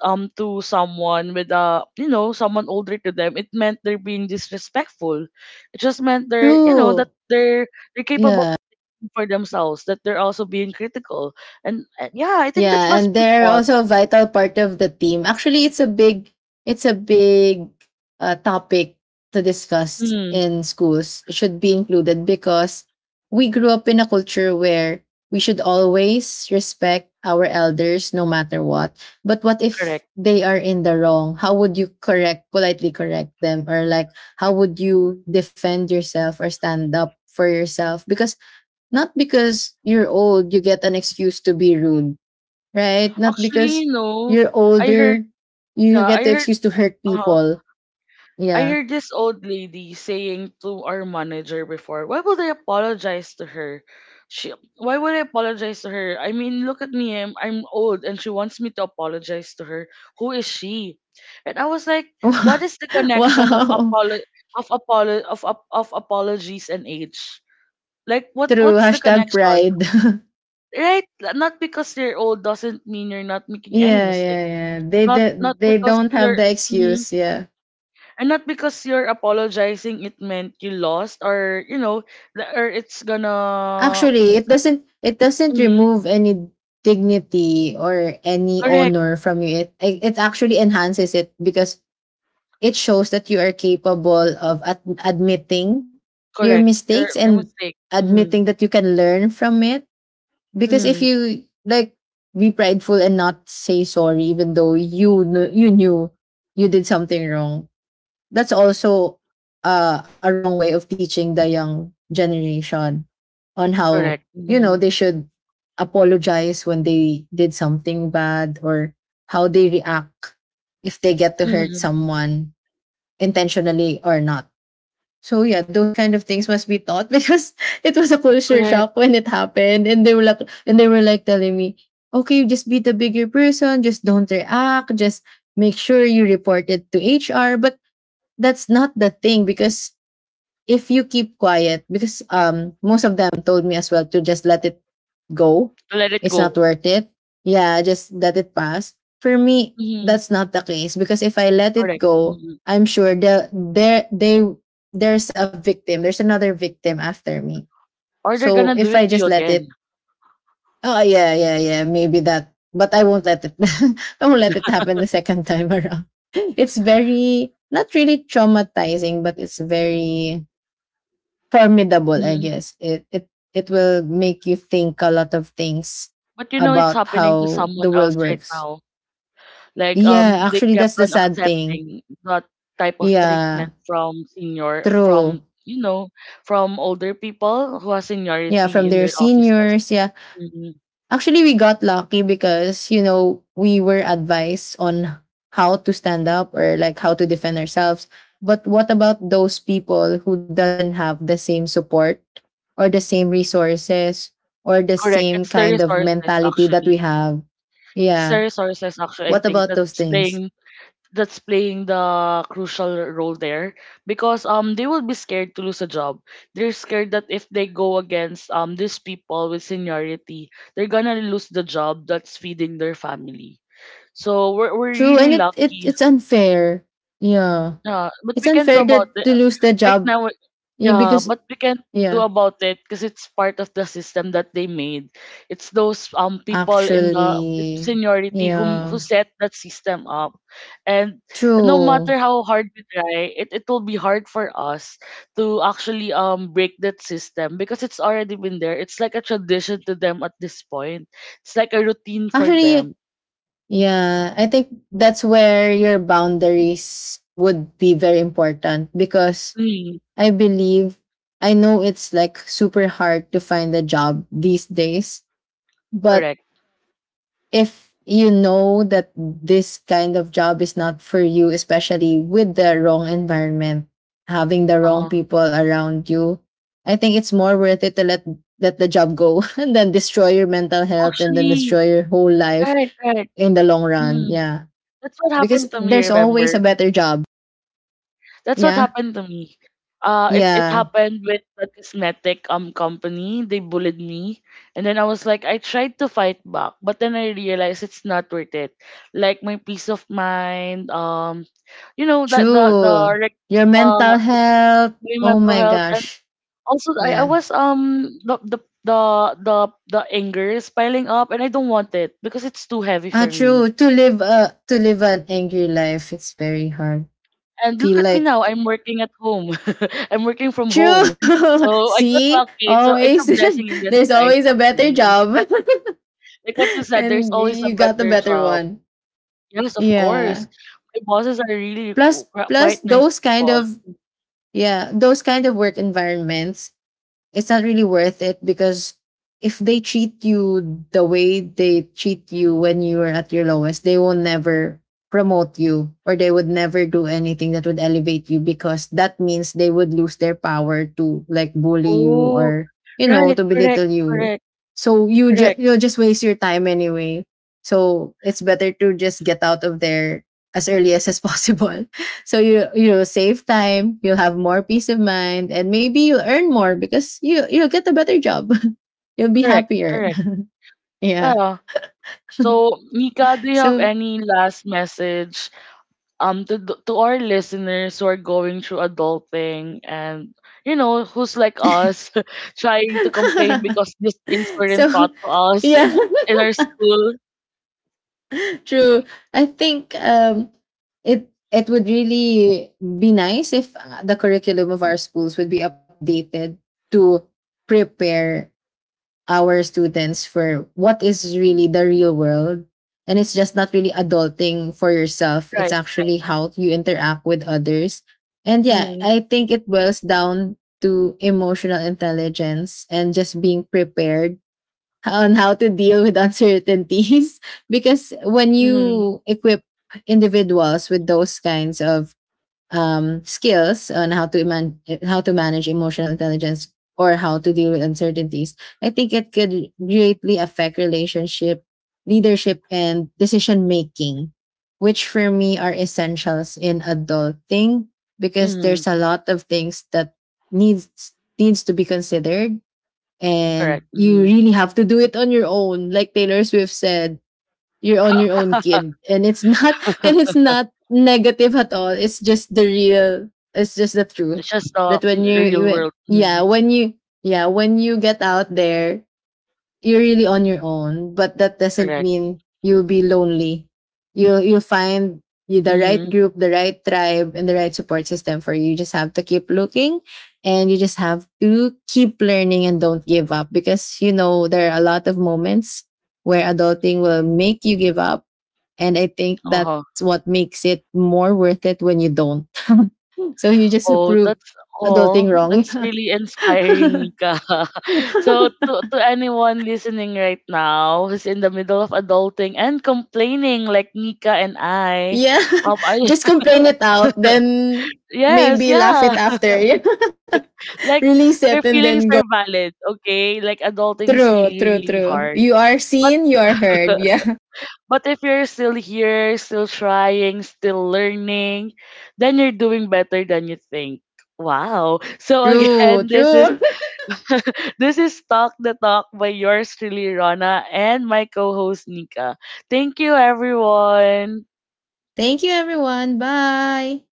Speaker 1: to someone with a, you know, someone older to them it meant they're being disrespectful. It just meant they're, you know,
Speaker 2: true.
Speaker 1: that they're capable
Speaker 2: Yeah.
Speaker 1: for themselves, that they're also being critical. And yeah, I think that
Speaker 2: Yeah,
Speaker 1: must
Speaker 2: and
Speaker 1: be
Speaker 2: they're
Speaker 1: taught.
Speaker 2: also a vital part of the team. Actually, it's a big, it's a big topic to discuss
Speaker 1: Mm,
Speaker 2: in schools. It should be included because we grew up in a culture where we should always respect our elders no matter what. But what if
Speaker 1: correct.
Speaker 2: they are in the wrong? How would you politely correct them? Or like, how would you defend yourself or stand up for yourself? Because not because you're old, you get an excuse to be rude, right? Not
Speaker 1: Actually,
Speaker 2: because
Speaker 1: you know,
Speaker 2: you're
Speaker 1: I heard,
Speaker 2: older, you
Speaker 1: yeah,
Speaker 2: get the excuse to hurt
Speaker 1: uh,
Speaker 2: people.
Speaker 1: I
Speaker 2: Yeah.
Speaker 1: heard this old lady saying to our manager before, why would I apologize to her? She, why would I apologize to her? I mean, look at me, I'm old, and she wants me to apologize to her. Who is she? And I was like, what is the connection of
Speaker 2: Wow.
Speaker 1: apologies and age? Like what
Speaker 2: True.
Speaker 1: what's the
Speaker 2: Hashtag
Speaker 1: connection?
Speaker 2: pride.
Speaker 1: Right? Not because you're old doesn't mean you're not making any
Speaker 2: Yeah,
Speaker 1: mistakes.
Speaker 2: yeah, yeah. They
Speaker 1: Not not
Speaker 2: they
Speaker 1: because
Speaker 2: don't have
Speaker 1: you're
Speaker 2: the
Speaker 1: mhm.
Speaker 2: excuse. Yeah.
Speaker 1: And not because you're apologizing it meant you lost, or you know or it's gonna
Speaker 2: Actually, it doesn't,
Speaker 1: mhm.
Speaker 2: remove any dignity or any
Speaker 1: Correct,
Speaker 2: honor from you. It actually enhances it because it shows that you are capable of admitting your
Speaker 1: correct
Speaker 2: mistakes
Speaker 1: your
Speaker 2: and
Speaker 1: mistake.
Speaker 2: admitting
Speaker 1: Mhm.
Speaker 2: that you can learn from it. Because if
Speaker 1: Mhm.
Speaker 2: you like be prideful and not say sorry, even though you you knew you did something wrong, that's also a wrong way of teaching the young generation on how
Speaker 1: Correct.
Speaker 2: you know
Speaker 1: Mhm.
Speaker 2: they should apologize when they did something bad or how they react if they get to hurt
Speaker 1: Mhm.
Speaker 2: someone intentionally or not. So yeah, those kind of things must be taught. Because it was a culture
Speaker 1: Correct.
Speaker 2: shock when it happened, and they were like, telling me, okay, just be the bigger person, just don't react, just make sure you report it to HR. But that's not the thing because if you keep quiet, because most of them told me as well to just let it go.
Speaker 1: To let it
Speaker 2: It's
Speaker 1: go.
Speaker 2: not worth it. Yeah, just let it pass. For me,
Speaker 1: Mhm.
Speaker 2: that's not the case, because if I let it
Speaker 1: Correct.
Speaker 2: go,
Speaker 1: Mhm.
Speaker 2: I'm sure they, there's a victim. There's another victim after me.
Speaker 1: Or they're
Speaker 2: So
Speaker 1: gonna do
Speaker 2: if I
Speaker 1: it to
Speaker 2: just
Speaker 1: you
Speaker 2: let
Speaker 1: again.
Speaker 2: it, oh yeah, yeah, yeah, maybe that. But I won't let it. I won't let it happen the second time around. It's very not really traumatizing, but it's very formidable, I
Speaker 1: Mhm.
Speaker 2: guess. It will make you think a lot of things
Speaker 1: But you know it's
Speaker 2: about
Speaker 1: happening to
Speaker 2: how the
Speaker 1: someone
Speaker 2: world
Speaker 1: else right
Speaker 2: works.
Speaker 1: now. Like
Speaker 2: Yeah,
Speaker 1: they
Speaker 2: actually
Speaker 1: kept
Speaker 2: that's the
Speaker 1: on
Speaker 2: sad thing.
Speaker 1: accepting that type of
Speaker 2: Yeah,
Speaker 1: treatment from senior,
Speaker 2: true.
Speaker 1: from you know, from older people who have
Speaker 2: Yeah,
Speaker 1: seniority
Speaker 2: from
Speaker 1: in
Speaker 2: their
Speaker 1: their offices.
Speaker 2: seniors, yeah.
Speaker 1: Mhm.
Speaker 2: Actually, we got lucky because, you know, we were advised on how to stand up or like how to defend ourselves. But what about those people who doesn't have the same support or the same resources or the
Speaker 1: Correct.
Speaker 2: same
Speaker 1: It's the
Speaker 2: kind of
Speaker 1: resources
Speaker 2: mentality that we
Speaker 1: actually.
Speaker 2: have?
Speaker 1: It's the
Speaker 2: Yeah.
Speaker 1: resources actually. I
Speaker 2: What
Speaker 1: think
Speaker 2: about those things?
Speaker 1: that's playing the crucial role there because they will be scared to lose a job. They're scared that if they go against these people with seniority, they're gonna lose the job that's feeding their family. So we're
Speaker 2: True,
Speaker 1: really
Speaker 2: and it
Speaker 1: lucky.
Speaker 2: it's unfair. Yeah.
Speaker 1: Yeah, but
Speaker 2: It's
Speaker 1: we can't do
Speaker 2: unfair
Speaker 1: about
Speaker 2: that
Speaker 1: it
Speaker 2: to lose the
Speaker 1: right
Speaker 2: job,
Speaker 1: now.
Speaker 2: yeah,
Speaker 1: Yeah,
Speaker 2: because
Speaker 1: but we can't do
Speaker 2: yeah,
Speaker 1: about it because it's part of the system that they made. It's those people in the with
Speaker 2: actually
Speaker 1: seniority
Speaker 2: yeah.
Speaker 1: who set that system up, and no
Speaker 2: True.
Speaker 1: matter how hard we try, it will be hard for us to actually break that system because it's already been there. It's like a tradition to them at this point. It's like a routine for
Speaker 2: Actually,
Speaker 1: them.
Speaker 2: yeah, I think that's where your boundaries would be very important. Because
Speaker 1: Mm,
Speaker 2: I believe I know it's like super hard to find a job these days, but
Speaker 1: correct.
Speaker 2: if you know that this kind of job is not for you, especially with the wrong environment, having the wrong
Speaker 1: Uh-huh.
Speaker 2: people around you, I think it's more worth it to let the job go and then destroy your mental health and then
Speaker 1: Actually,
Speaker 2: destroy your whole life
Speaker 1: right, right.
Speaker 2: in the long run.
Speaker 1: Mm.
Speaker 2: Yeah.
Speaker 1: That's what happened
Speaker 2: Because
Speaker 1: to me,
Speaker 2: there's always a
Speaker 1: remember?
Speaker 2: better job.
Speaker 1: That's what
Speaker 2: Yeah.
Speaker 1: happened to me. It, it
Speaker 2: Yeah.
Speaker 1: happened with a cosmetic company. They bullied me, and then I was like, I tried to fight back, but then I realized it's not worth it. Like my peace of mind, you know, like the
Speaker 2: True.
Speaker 1: rec-
Speaker 2: Your
Speaker 1: uh
Speaker 2: mental health.
Speaker 1: my
Speaker 2: Oh
Speaker 1: mental
Speaker 2: my
Speaker 1: health, and
Speaker 2: gosh.
Speaker 1: also I
Speaker 2: Yeah.
Speaker 1: was the the the anger is piling up, and I don't want it because it's too heavy
Speaker 2: Ah,
Speaker 1: for me.
Speaker 2: true. To live a to live an angry life, it's very hard.
Speaker 1: And look
Speaker 2: Feel
Speaker 1: at me
Speaker 2: like
Speaker 1: now, I'm working at home. I'm working from home.
Speaker 2: true.
Speaker 1: So I
Speaker 2: See,
Speaker 1: got lucky.
Speaker 2: always
Speaker 1: It's a blessing in
Speaker 2: there's always
Speaker 1: disguise
Speaker 2: a better
Speaker 1: actually.
Speaker 2: job,
Speaker 1: Like what you said, there's
Speaker 2: and
Speaker 1: always a
Speaker 2: you got the
Speaker 1: better
Speaker 2: better
Speaker 1: job.
Speaker 2: one.
Speaker 1: Yes, of course.
Speaker 2: Yeah.
Speaker 1: My bosses are really
Speaker 2: Plus,
Speaker 1: quite
Speaker 2: plus
Speaker 1: nice
Speaker 2: those kind
Speaker 1: people.
Speaker 2: of, yeah, those kind of work environments, it's not really worth it. Because if they treat you the way they treat you when you are at your lowest, they will never promote you or they would never do anything that would elevate you, because that means they would lose their power to like bully you
Speaker 1: Oh,
Speaker 2: or you know
Speaker 1: right,
Speaker 2: to
Speaker 1: correct,
Speaker 2: belittle you.
Speaker 1: correct,
Speaker 2: So you
Speaker 1: correct,
Speaker 2: you'll just waste your time anyway. So it's better to just get out of there as early as possible. So you, you'll save time, you'll have more peace of mind, and maybe you'll earn more because you, you'll get a better job. You'll be
Speaker 1: correct,
Speaker 2: happier.
Speaker 1: correct.
Speaker 2: Yeah.
Speaker 1: Yeah. So Nika, do you have
Speaker 2: So
Speaker 1: any last message to to our listeners who are going through adulting, and you know who's like us trying to complain because these things weren't
Speaker 2: so
Speaker 1: taught to us
Speaker 2: yeah,
Speaker 1: in our school,
Speaker 2: true. I think it it would really be nice if the curriculum of our schools would be updated to prepare our students for what is really the real world. And it's just not really adulting for yourself. It's
Speaker 1: right?
Speaker 2: actually how you interact with others. And yeah,
Speaker 1: mm-hmm.
Speaker 2: I think it boils down to emotional intelligence and just being prepared on how to deal with uncertainties. Because when
Speaker 1: Mm-hmm.
Speaker 2: you equip individuals with those kinds of skills on how to how to manage emotional intelligence or how to deal with uncertainties, I think it could greatly affect relationship, leadership, and decision making, which for me are essentials in adulting. Because
Speaker 1: Mm-hmm.
Speaker 2: there's a lot of things that needs needs to be considered, and
Speaker 1: Correct,
Speaker 2: you
Speaker 1: mm-hmm.
Speaker 2: really have to do it on your own. Like Taylor Swift said, you're on your own, kid, and it's not and it's not negative at all. It's just the real, it's just the truth.
Speaker 1: It's just the
Speaker 2: That when you
Speaker 1: real world.
Speaker 2: yeah,
Speaker 1: Mm,
Speaker 2: when you, yeah, when you get out there, you're really on your own, but that doesn't
Speaker 1: correct,
Speaker 2: mean you'll be lonely. You'll find you the right
Speaker 1: mm-hmm.
Speaker 2: group, the right tribe, and the right support system for you. You just have to keep looking and you just have to keep learning and don't give up because you know there are a lot of moments where adulting will make you give up. And I think that's
Speaker 1: Uh-huh.
Speaker 2: what makes it more worth it when you don't. So you just
Speaker 1: Oh,
Speaker 2: prove
Speaker 1: that's
Speaker 2: adulting
Speaker 1: all,
Speaker 2: wrong.
Speaker 1: that's really inspiring, Nika. So to anyone listening right now who's in the middle of adulting and complaining like Nika and I,
Speaker 2: Yeah.
Speaker 1: um, I
Speaker 2: Just complain it out, then
Speaker 1: yes,
Speaker 2: maybe laugh
Speaker 1: yeah,
Speaker 2: it after. Yeah,
Speaker 1: like
Speaker 2: release it
Speaker 1: your
Speaker 2: and then
Speaker 1: feelings
Speaker 2: go.
Speaker 1: are valid, okay? Like adulting is
Speaker 2: True,
Speaker 1: really
Speaker 2: true,
Speaker 1: really
Speaker 2: true.
Speaker 1: hard.
Speaker 2: You are
Speaker 1: But
Speaker 2: seen, you are heard. Yeah.
Speaker 1: but if you're still here, still trying, still learning, then you're doing better than you think. Wow. So
Speaker 2: True,
Speaker 1: again, this is
Speaker 2: true.
Speaker 1: this is Talk the Talk by yours truly, Rana, and my co host, Nika. Thank you, everyone.
Speaker 2: Thank you, everyone. Bye.